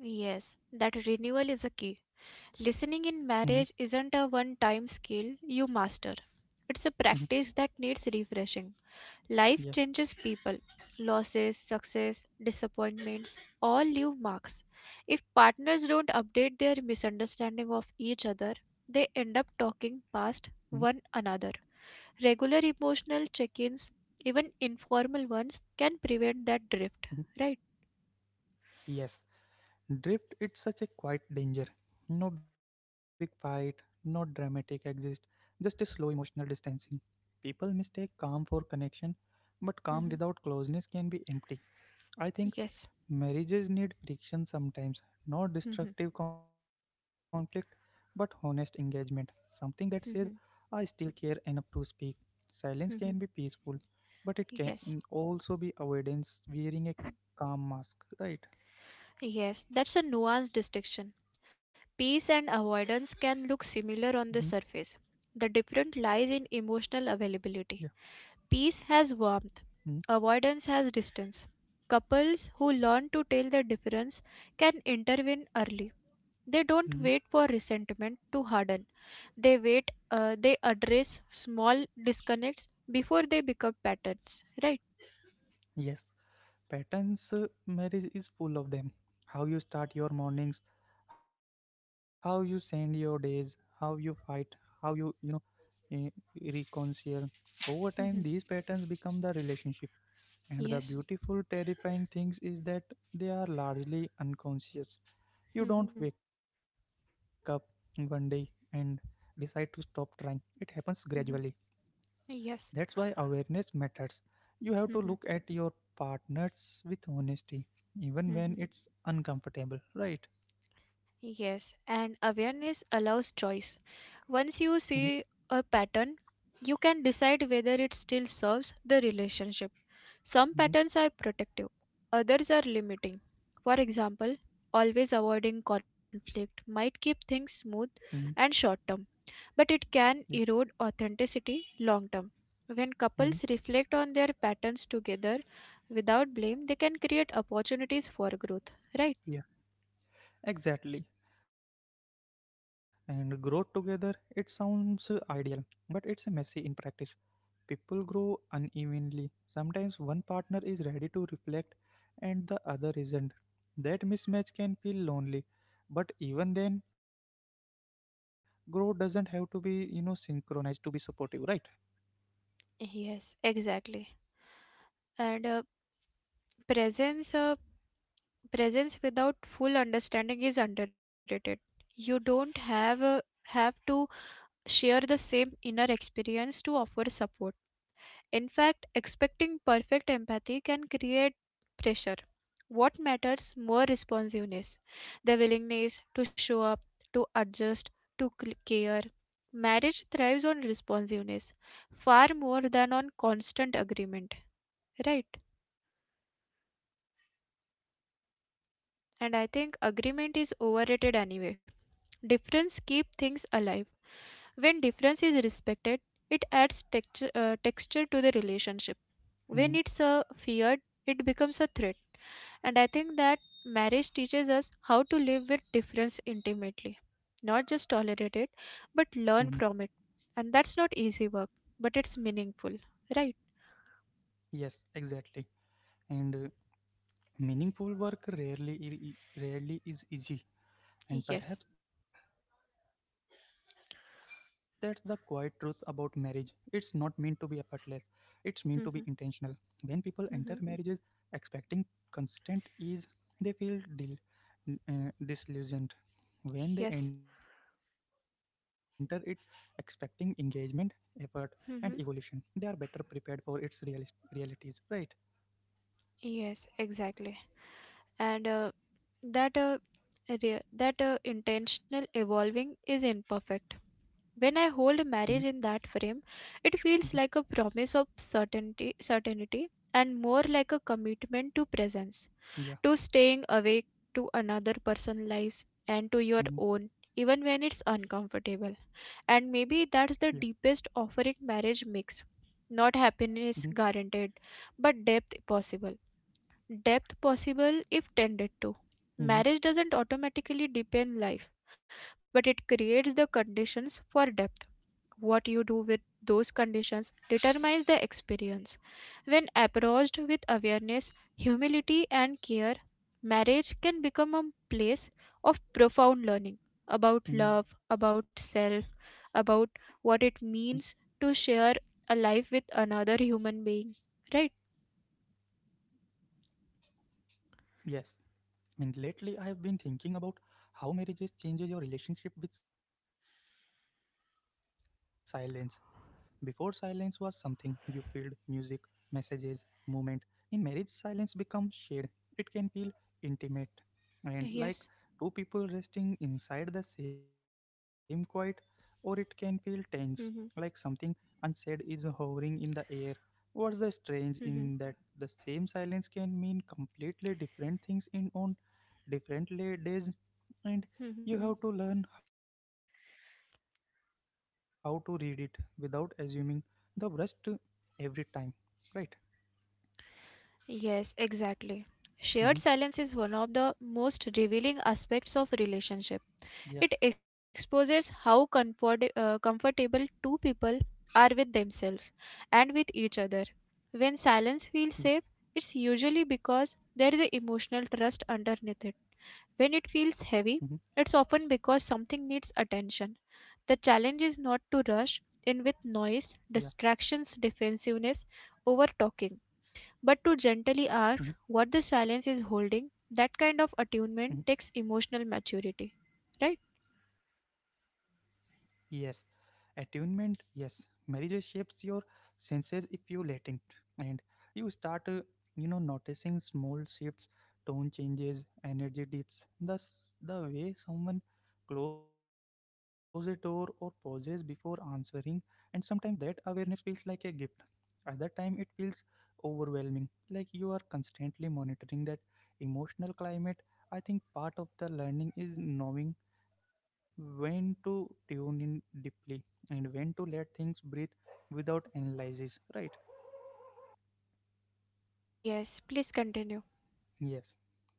S2: Yes, that renewal is a key.
S1: Hmm.
S2: Listening in marriage isn't a one time skill you master,
S1: Hmm.
S2: it's a practice that needs refreshing.
S1: Yeah.
S2: Life changes people, losses, success, disappointments all leave marks. If partners don't update their misunderstanding of each other, they
S1: hmm
S2: end up talking past one another. Regular emotional check ins, even informal ones, can
S1: hmm
S2: prevent that drift, right?
S1: Yes, drift it's such a quiet danger. No big fight, no dramatic exist, just a slow emotional distancing. People mistake calm for connection, but calm
S2: Mhm.
S1: without closeness can be empty. I think
S2: Yes.
S1: marriages need friction sometimes, not destructive conflict, but honest engagement. Something that says, I
S2: Mhm.
S1: still care enough to speak. Silence can be
S2: Mhm.
S1: peaceful, but it can
S2: Yes,
S1: also be avoidance wearing a calm mask, right?
S2: yes, that's a nuanced distinction.
S1: hmm
S2: Peace and avoidance can look similar on the surface. The
S1: Yeah.
S2: difference lies in emotional availability.
S1: Mm-hmm.
S2: Peace has warmth, avoidance has distance. Couples who learn to tell the difference can intervene early. They
S1: Mm-hmm.
S2: don't wait for resentment to harden. They address small disconnects before they become patterns, right?
S1: Yes. Patterns, marriage is full of them. How you start your mornings, how you send your days, how you fight, how you eh, reconcile. Over time, these
S2: Mhm.
S1: patterns become the relationship, and the
S2: Yes.
S1: beautiful, terrifying things is that they are largely unconscious. You don't
S2: Mhm.
S1: wake up one day and decide to stop trying, it happens gradually.
S2: Mhm.
S1: That's
S2: Yes.
S1: why awareness matters. You have to look
S2: Mhm.
S1: at your partners with honesty, even when
S2: Mhm.
S1: it's uncomfortable, right?
S2: Yes, and awareness allows choice.
S1: Mm-hmm,
S2: Once you see a pattern, you can decide whether it still serves the relationship.
S1: mm-hmm,
S2: Some patterns are protective, others are limiting. For example, always avoiding conflict might keep
S1: mm-hmm,
S2: things smooth and short term, but
S1: yeah,
S2: it can erode authenticity long term. When
S1: mm-hmm,
S2: couples reflect on their patterns together without blame, they can create opportunities for growth, right?
S1: yeah. Exactly. And grow together, it sounds ideal, but it's messy in practice. People grow unevenly. Sometimes one partner is ready to reflect and the other isn't. That mismatch can feel lonely, but even then, growth doesn't have to be, synchronized to be supportive, right?
S2: Yes, exactly. And presence, without full understanding is underrated. You don't have to share the same inner experience to offer support. In fact, expecting perfect empathy can create pressure. What matters more responsiveness, the willingness to show up, to adjust, to care. Marriage thrives on responsiveness far more than on constant agreement, right? And I think agreement is overrated anyway. Difference keep things alive. When difference is respected, it adds texture to the relationship. When
S1: Mhm,
S2: it's feared, it becomes a threat. And I think that marriage teaches us how to live with difference intimately,
S1: mhm.
S2: not just tolerate it, but learn from it. And that's not easy work, but it's meaningful, right?
S1: Yes, exactly. And meaningful work rarely is easy. And
S2: Yes.
S1: perhaps that's the quiet truth about marriage. It's not meant to be effortless, it's meant to be intentional. When people enter
S2: Mhm.
S1: marriages
S2: Mhm.
S1: expecting constant ease, they feel disillusioned. When they
S2: Yes.
S1: enter it expecting engagement, effort, and evolution, they are
S2: Mhm.
S1: better prepared for its realities, right?
S2: Yes. Exactly. and that re- that intentional evolving is imperfect.
S1: Mm-hmm,
S2: When I hold marriage in that frame,
S1: mm-hmm,
S2: it feels like a promise of certainty, and more like a commitment to presence,
S1: yeah,
S2: to staying awake to another person's lives and to your
S1: mm-hmm,
S2: own, even when it's uncomfortable.
S1: yeah,
S2: And maybe that's the deepest offering marriage makes. Not
S1: mm-hmm,
S2: happiness guaranteed, but depth possible if tended to.
S1: mm-hmm,
S2: Marriage doesn't automatically deepen life, but it creates the conditions for depth. What you do with those conditions determines the experience. When approached with awareness, humility, and care, marriage can become a place of profound learning
S1: mm-hmm.
S2: about love, about self, about what it means to share a life with another human being. Right?
S1: Yes, I mean, lately I have been thinking about how marriages changes your relationship with silence. Before silence was something you filled music, messages, movement, in marriage, silence becomes shared. It can feel intimate and like two
S2: Yes.
S1: people resting inside the same quiet, or it can feel tense, like
S2: Hmm.
S1: something unsaid is hovering in the air. What's the strange in
S2: Hmm.
S1: that the same silence can mean completely different things in on different days, and you have to
S2: Hmm.
S1: learn how to read it without assuming the worst every time, right?
S2: Yes, exactly.
S1: hmm
S2: Shared silence is one of the most revealing aspects of relationship.
S1: Yeah,
S2: It exposes how comfortable two people are with themselves and
S1: yeah.
S2: with each other. When silence feels safe, it's usually because there is an emotional trust underneath it. When
S1: Mhm.
S2: it feels heavy, it's often because something needs attention. The
S1: Yeah.
S2: challenge is not to rush in with noise, distractions, defensiveness, over talking,
S1: hmm
S2: but to gently ask what the silence is holding. That kind
S1: hmm
S2: of attunement takes emotional maturity, right?
S1: Yes. Attunement. Yes. Marriage shapes your senses if you let it. And you start, noticing small shifts, tone changes, energy dips. Thus, the way someone closes a door or pauses before answering. And sometimes that awareness feels like a gift. Other time it feels overwhelming, like you are constantly monitoring that emotional climate. I think part of the learning is knowing when to tune in deeply and when to let things breathe without analysis, right?
S2: Yes, please continue.
S1: Yes.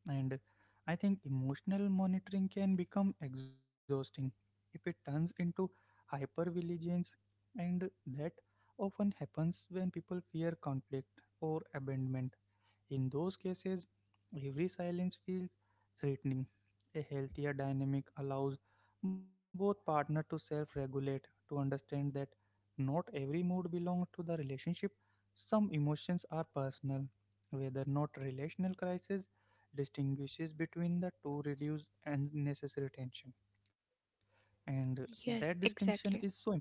S1: And I think emotional monitoring can become exhausting if it turns into hypervigilance, and that often happens when people fear conflict or abandonment. In those cases, every silence feels threatening. A healthier dynamic allows both partners to self regulate, to understand that not every mood belongs to the relationship. Some emotions are personal. Whether not relational crisis distinguishes between the two reduce unnecessary tension. And that
S2: Yes,
S1: distinction is
S2: exactly.
S1: so important.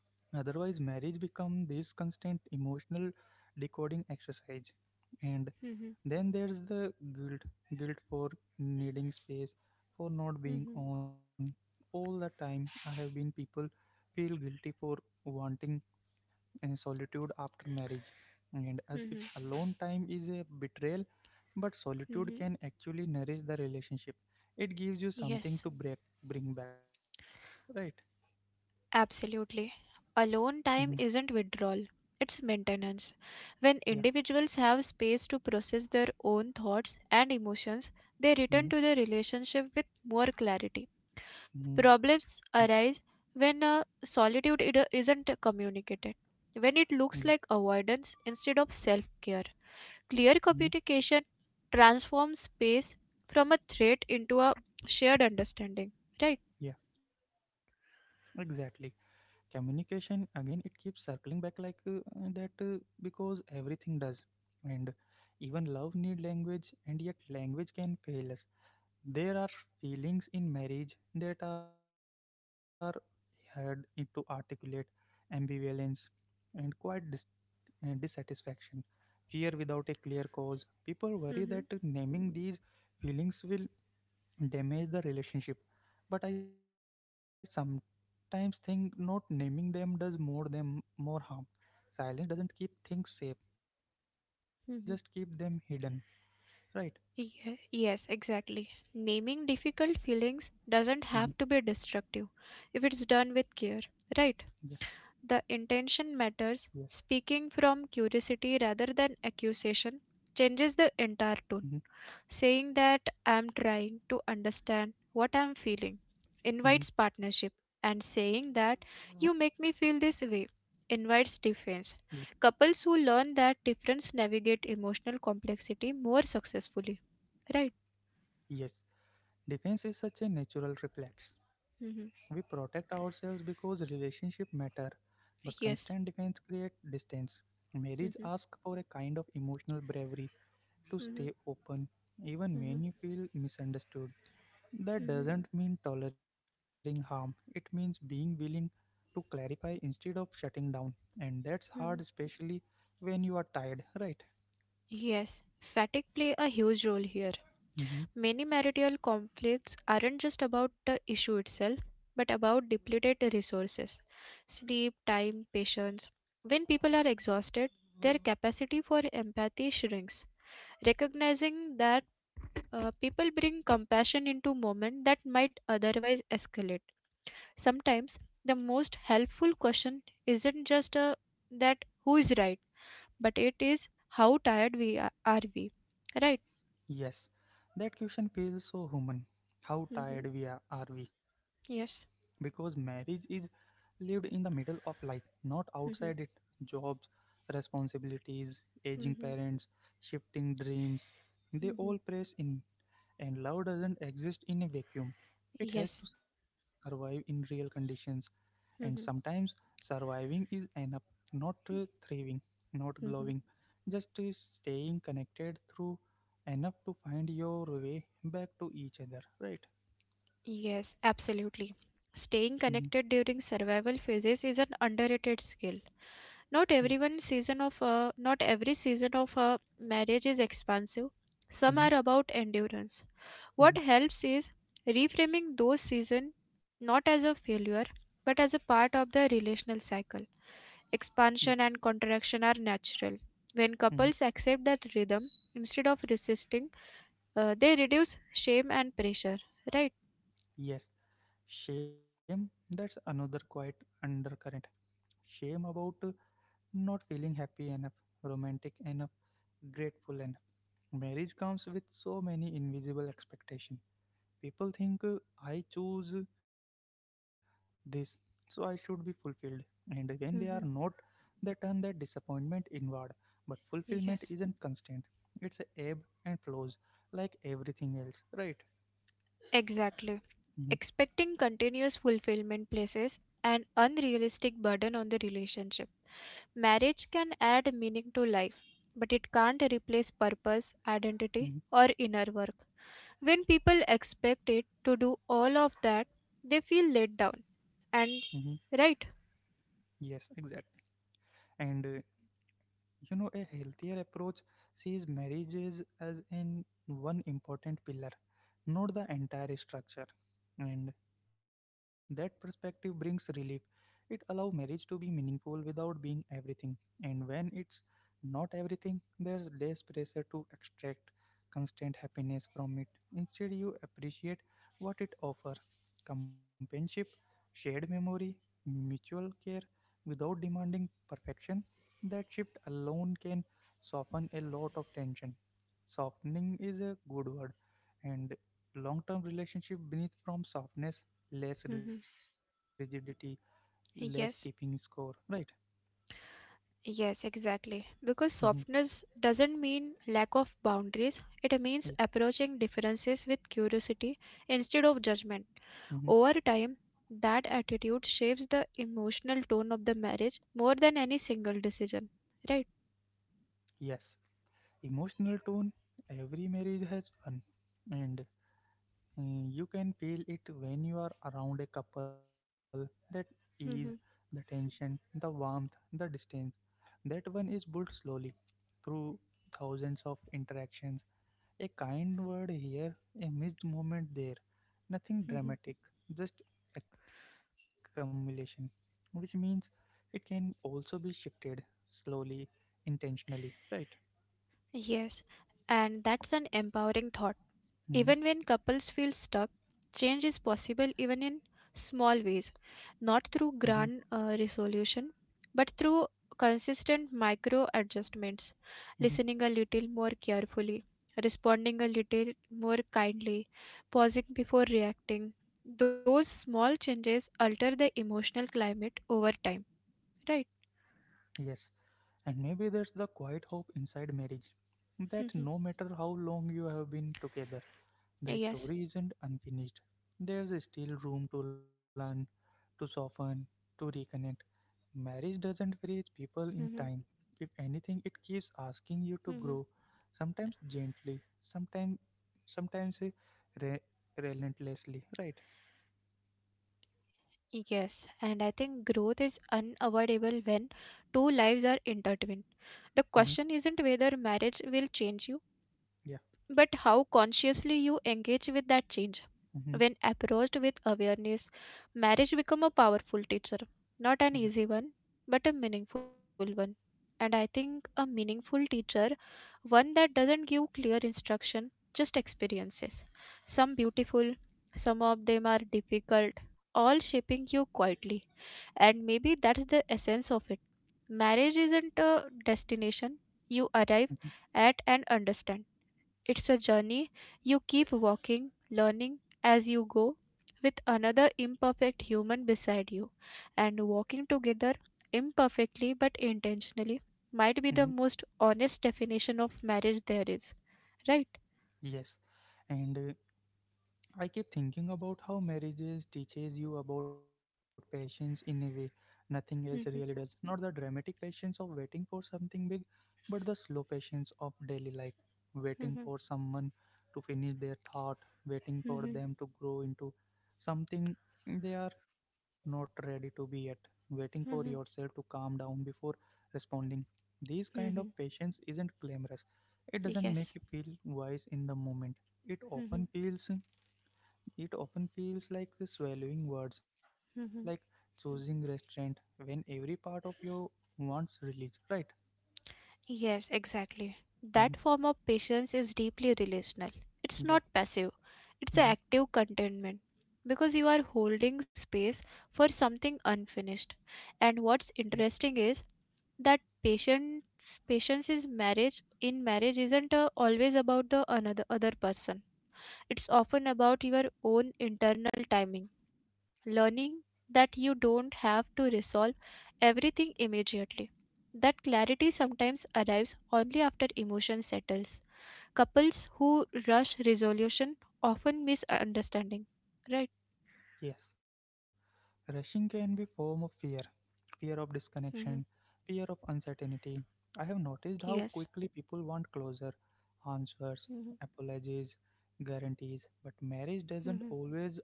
S1: Otherwise, marriage become this constant emotional decoding exercise. And
S2: Mhm.
S1: then there's the guilt, guilt for needing space, for not being
S2: Mhm.
S1: on all the time. I have been people feel guilty for wanting solitude after marriage, and as
S2: Mhm.
S1: if alone time is a betrayal. But solitude
S2: Mhm.
S1: can actually nourish the relationship. It gives you something
S2: Yes,
S1: to break, bring back, right?
S2: absolutely.
S1: Mm-hmm.
S2: Alone time isn't withdrawal, it's maintenance.
S1: Yeah.
S2: When individuals have space to process their own thoughts and emotions, they
S1: Mm-hmm.
S2: return to the relationship with more clarity.
S1: Mm-hmm.
S2: Problems arise when solitude isn't communicated,
S1: Yeah.
S2: when it looks like avoidance instead of self care.
S1: Mm-hmm.
S2: Clear communication transforms space from a threat into a shared understanding, right?
S1: Yeah, exactly. Communication again, it keeps circling back like that because everything does. And even love need language, and yet language can fail us. There are feelings in marriage that are hard to articulate, ambivalence, and dissatisfaction, fear without a clear cause. People worry that
S2: Mm-hmm.
S1: naming these feelings will damage the relationship, but I sometimes think not naming them does more them more harm. Silence doesn't keep things safe, it just keeps them hidden,
S2: Mm-hmm.
S1: right?
S2: Yes, exactly. Naming difficult
S1: Mm-hmm.
S2: feelings doesn't have to be destructive if it's done with care,
S1: Yeah,
S2: right? The intention
S1: yes.
S2: matters. Speaking from curiosity rather than accusation changes the
S1: Mm-hmm.
S2: entire tone. Saying that I'm trying to understand what I'm feeling
S1: Mm-hmm.
S2: invites partnership, and saying that you make me feel this way
S1: Yeah,
S2: invites defense. Couples who learn that difference navigate emotional complexity more successfully. Right?
S1: yes, defense is such a natural reflex. We
S2: hmm
S1: protect ourselves because relationship matter, but constant
S2: Yes.
S1: defense create distance. Marriage
S2: hmm
S1: asks for a kind of emotional bravery to
S2: hmm
S1: stay open even
S2: hmm
S1: when you feel misunderstood. That doesn't mean tolerating harm, it means being willing to clarify instead of shutting down. And that's hard,
S2: hmm
S1: especially when you are tired, right?
S2: Yes, fatigue play a huge role here.
S1: hmm
S2: Many marital conflicts aren't just about the issue itself, but about depleted resources sleep, time, patience. When people are exhausted, their capacity for empathy shrinks. Recognizing that people bring compassion into moments that might otherwise escalate. Sometimes the most helpful question isn't just that who is right, but it is how tired we are we, right?
S1: Yes, that question feels so human. How
S2: hmm
S1: tired we are we? Because
S2: Yes.
S1: marriage is lived in the middle of life, not outside it.
S2: hmm
S1: Jobs, responsibilities, aging
S2: hmm
S1: parents, shifting dreams, they
S2: hmm
S1: all press in. And love doesn't exist in a vacuum. It has
S2: Yes.
S1: to survive in real conditions, and sometimes
S2: Mhm.
S1: surviving is enough, not thriving, not
S2: Mhm.
S1: glowing, just staying connected through enough to find your way back to each other, right?
S2: Yes, absolutely.
S1: hmm
S2: Staying connected during survival phases is an underrated skill.
S1: Yeah.
S2: Not everyone season of a, Not every season of a marriage is expansive.
S1: hmm
S2: Some are about endurance.
S1: hmm
S2: What helps is reframing those season not as a failure but as a part of the relational cycle.
S1: Yeah.
S2: Expansion and contraction are natural. When
S1: hmm
S2: couples accept that rhythm instead of resisting they reduce shame and pressure, right?
S1: Yes. Shame, that's another quite undercurrent. Shame about not feeling happy enough, romantic enough, grateful and marriage comes with so many invisible expectations. People think I choose this so I should be fulfilled, and when they are not
S2: hmm
S1: they turn that disappointment inward, but fulfillment isn't
S2: Yes,
S1: constant. It's a ebb and flows like everything else, right?
S2: exactly. Expecting continuous fulfillment places an unrealistic burden on the relationship. Marriage can add meaning to life, but it can't replace purpose,
S1: Mm-hmm.
S2: identity, or inner work. When people expect it to do all of that, they feel let down.
S1: hmm
S2: And right.
S1: yes, exactly. And a healthier approach sees marriages as in one important pillar, not the entire structure. And that perspective brings relief. It allows marriage to be meaningful without being everything. And when it's not everything, there's less pressure to extract constant happiness from it. Instead, you appreciate what it offers, companionship, shared memory, mutual care, without demanding perfection. That shift alone can soften a lot of tension. Softening is a good word, and long term relationship beneath from softness, less
S2: Mhm.
S1: rigidity, less keeping score.
S2: Yes.
S1: Right?
S2: Yes, exactly. Because
S1: hmm
S2: softness doesn't mean lack of boundaries, it
S1: Yeah.
S2: means approaching differences with curiosity instead of judgment.
S1: hmm
S2: Over time, that attitude shapes the emotional tone of the marriage more than any single decision, right?
S1: Yes. Emotional tone, every marriage has one. And you can feel it when you are around a couple that ease the
S2: Mhm,
S1: tension, the warmth, the distance. That one is built slowly through thousands of interactions. A kind word here, a missed moment there. Nothing
S2: mhm.
S1: dramatic, just accumulation, which means it can also be shifted slowly, intentionally, right?
S2: Yes, and that's an empowering thought.
S1: hmm
S2: Even when couples feel stuck, change is possible even in small ways, not
S1: hmm
S2: through grand resolution, but through consistent micro adjustments,
S1: hmm
S2: listening a little more carefully, responding a little more kindly, pausing before reacting. Those small changes alter the emotional climate over time, right?
S1: Yes, and maybe there's the quiet hope inside marriage that no matter how long you have been together, the
S2: Yes.
S1: story isn't unfinished. There's still room to learn, to soften, to reconnect. Marriage doesn't freeze people in time. If anything, it keeps asking you to grow, sometimes gently, sometimes re- relentlessly, right?
S2: Yes, and I think growth is unavoidable when two lives are intertwined. The question
S1: hmm
S2: isn't whether marriage will change you,
S1: Yeah.
S2: but how consciously you engage with that change.
S1: hmm
S2: When approached with awareness, marriage become a powerful teacher.
S1: Yeah.
S2: Not an easy one, but a meaningful one. And I think a meaningful teacher, one that doesn't give clear instruction, just experiences. Some beautiful, some of them are difficult, all shaping you quietly. And maybe that's the essence of it. Marriage isn't a destination. You arrive at and understand it's a journey. You keep walking, learning as you go, with another imperfect human beside you. And walking together, imperfectly but intentionally,
S1: hmm
S2: might be the most honest definition of marriage there is. Right?
S1: Yes. And I keep thinking about how marriages teaches you about patience in a way nothing else really does. Not the dramatic patience of waiting for something big, but the slow patience of daily life. Waiting for someone to finish their thought, waiting for them to grow into something they are not ready to be yet, waiting for yourself to calm down before responding. This kind of patience isn't glamorous. It doesn't make
S2: Yes.
S1: you feel wise in the moment. It
S2: Mhm,
S1: often feels it often feels like swallowing words, like
S2: mhm.
S1: choosing restraint when every part of you wants release, right?
S2: Yes, exactly. That
S1: hmm
S2: form of patience is deeply relational. It's not
S1: Yeah,
S2: passive, it's an
S1: hmm
S2: active contentment because you are holding space for something unfinished. And what's
S1: yeah,
S2: interesting is that patience patience is marriage in marriage isn't always about the another other person. It's often about your own internal timing, learning that you don't have to resolve everything immediately. That clarity sometimes arrives only after emotion settles. Couples who rush resolution often miss understanding. Right?
S1: yes. Rushing can be form of fear, fear of
S2: hmm
S1: disconnection, fear of uncertainty. I have
S2: Yes.
S1: noticed how quickly people want closure,
S2: hmm
S1: answers, apologies, guarantees, but marriage
S2: hmm
S1: doesn't always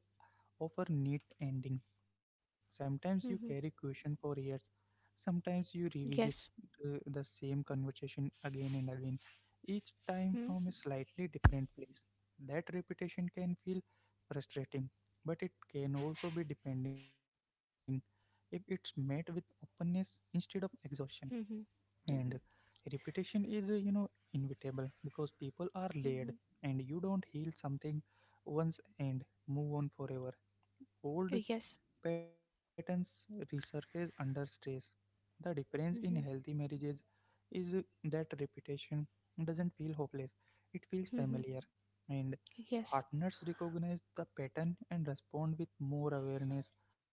S1: offer neat ending. Sometimes
S2: hmm
S1: you carry question for years. Sometimes you
S2: Yes.
S1: revisit the same conversation again and again, each
S2: hmm
S1: time from a slightly different place. That repetition can feel frustrating, but it can also be depending if it's met with openness instead of exhaustion.
S2: hmm
S1: And repetition is, inevitable because people are
S2: hmm
S1: layered, and you don't heal something once and move on forever. Old
S2: Yes.
S1: patterns resurface under stress. The difference in
S2: hmm
S1: healthy marriages is that repetition doesn't feel hopeless, it feels
S2: hmm
S1: familiar, and
S2: Yes.
S1: partners recognize the pattern and respond with more awareness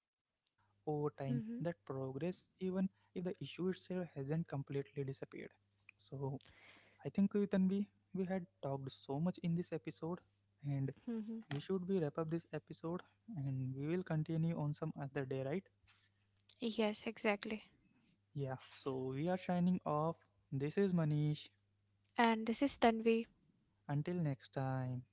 S1: over time that
S2: hmm
S1: progress, even if the issue itself hasn't completely disappeared. So, I think Tanvi, we had talked so much in this episode, and
S2: hmm
S1: we should be wrap up this episode, and we will continue on some other day, right?
S2: Yes, exactly.
S1: Yeah, so we are signing off. This is Manish.
S2: And this is Tanvi.
S1: Until next time.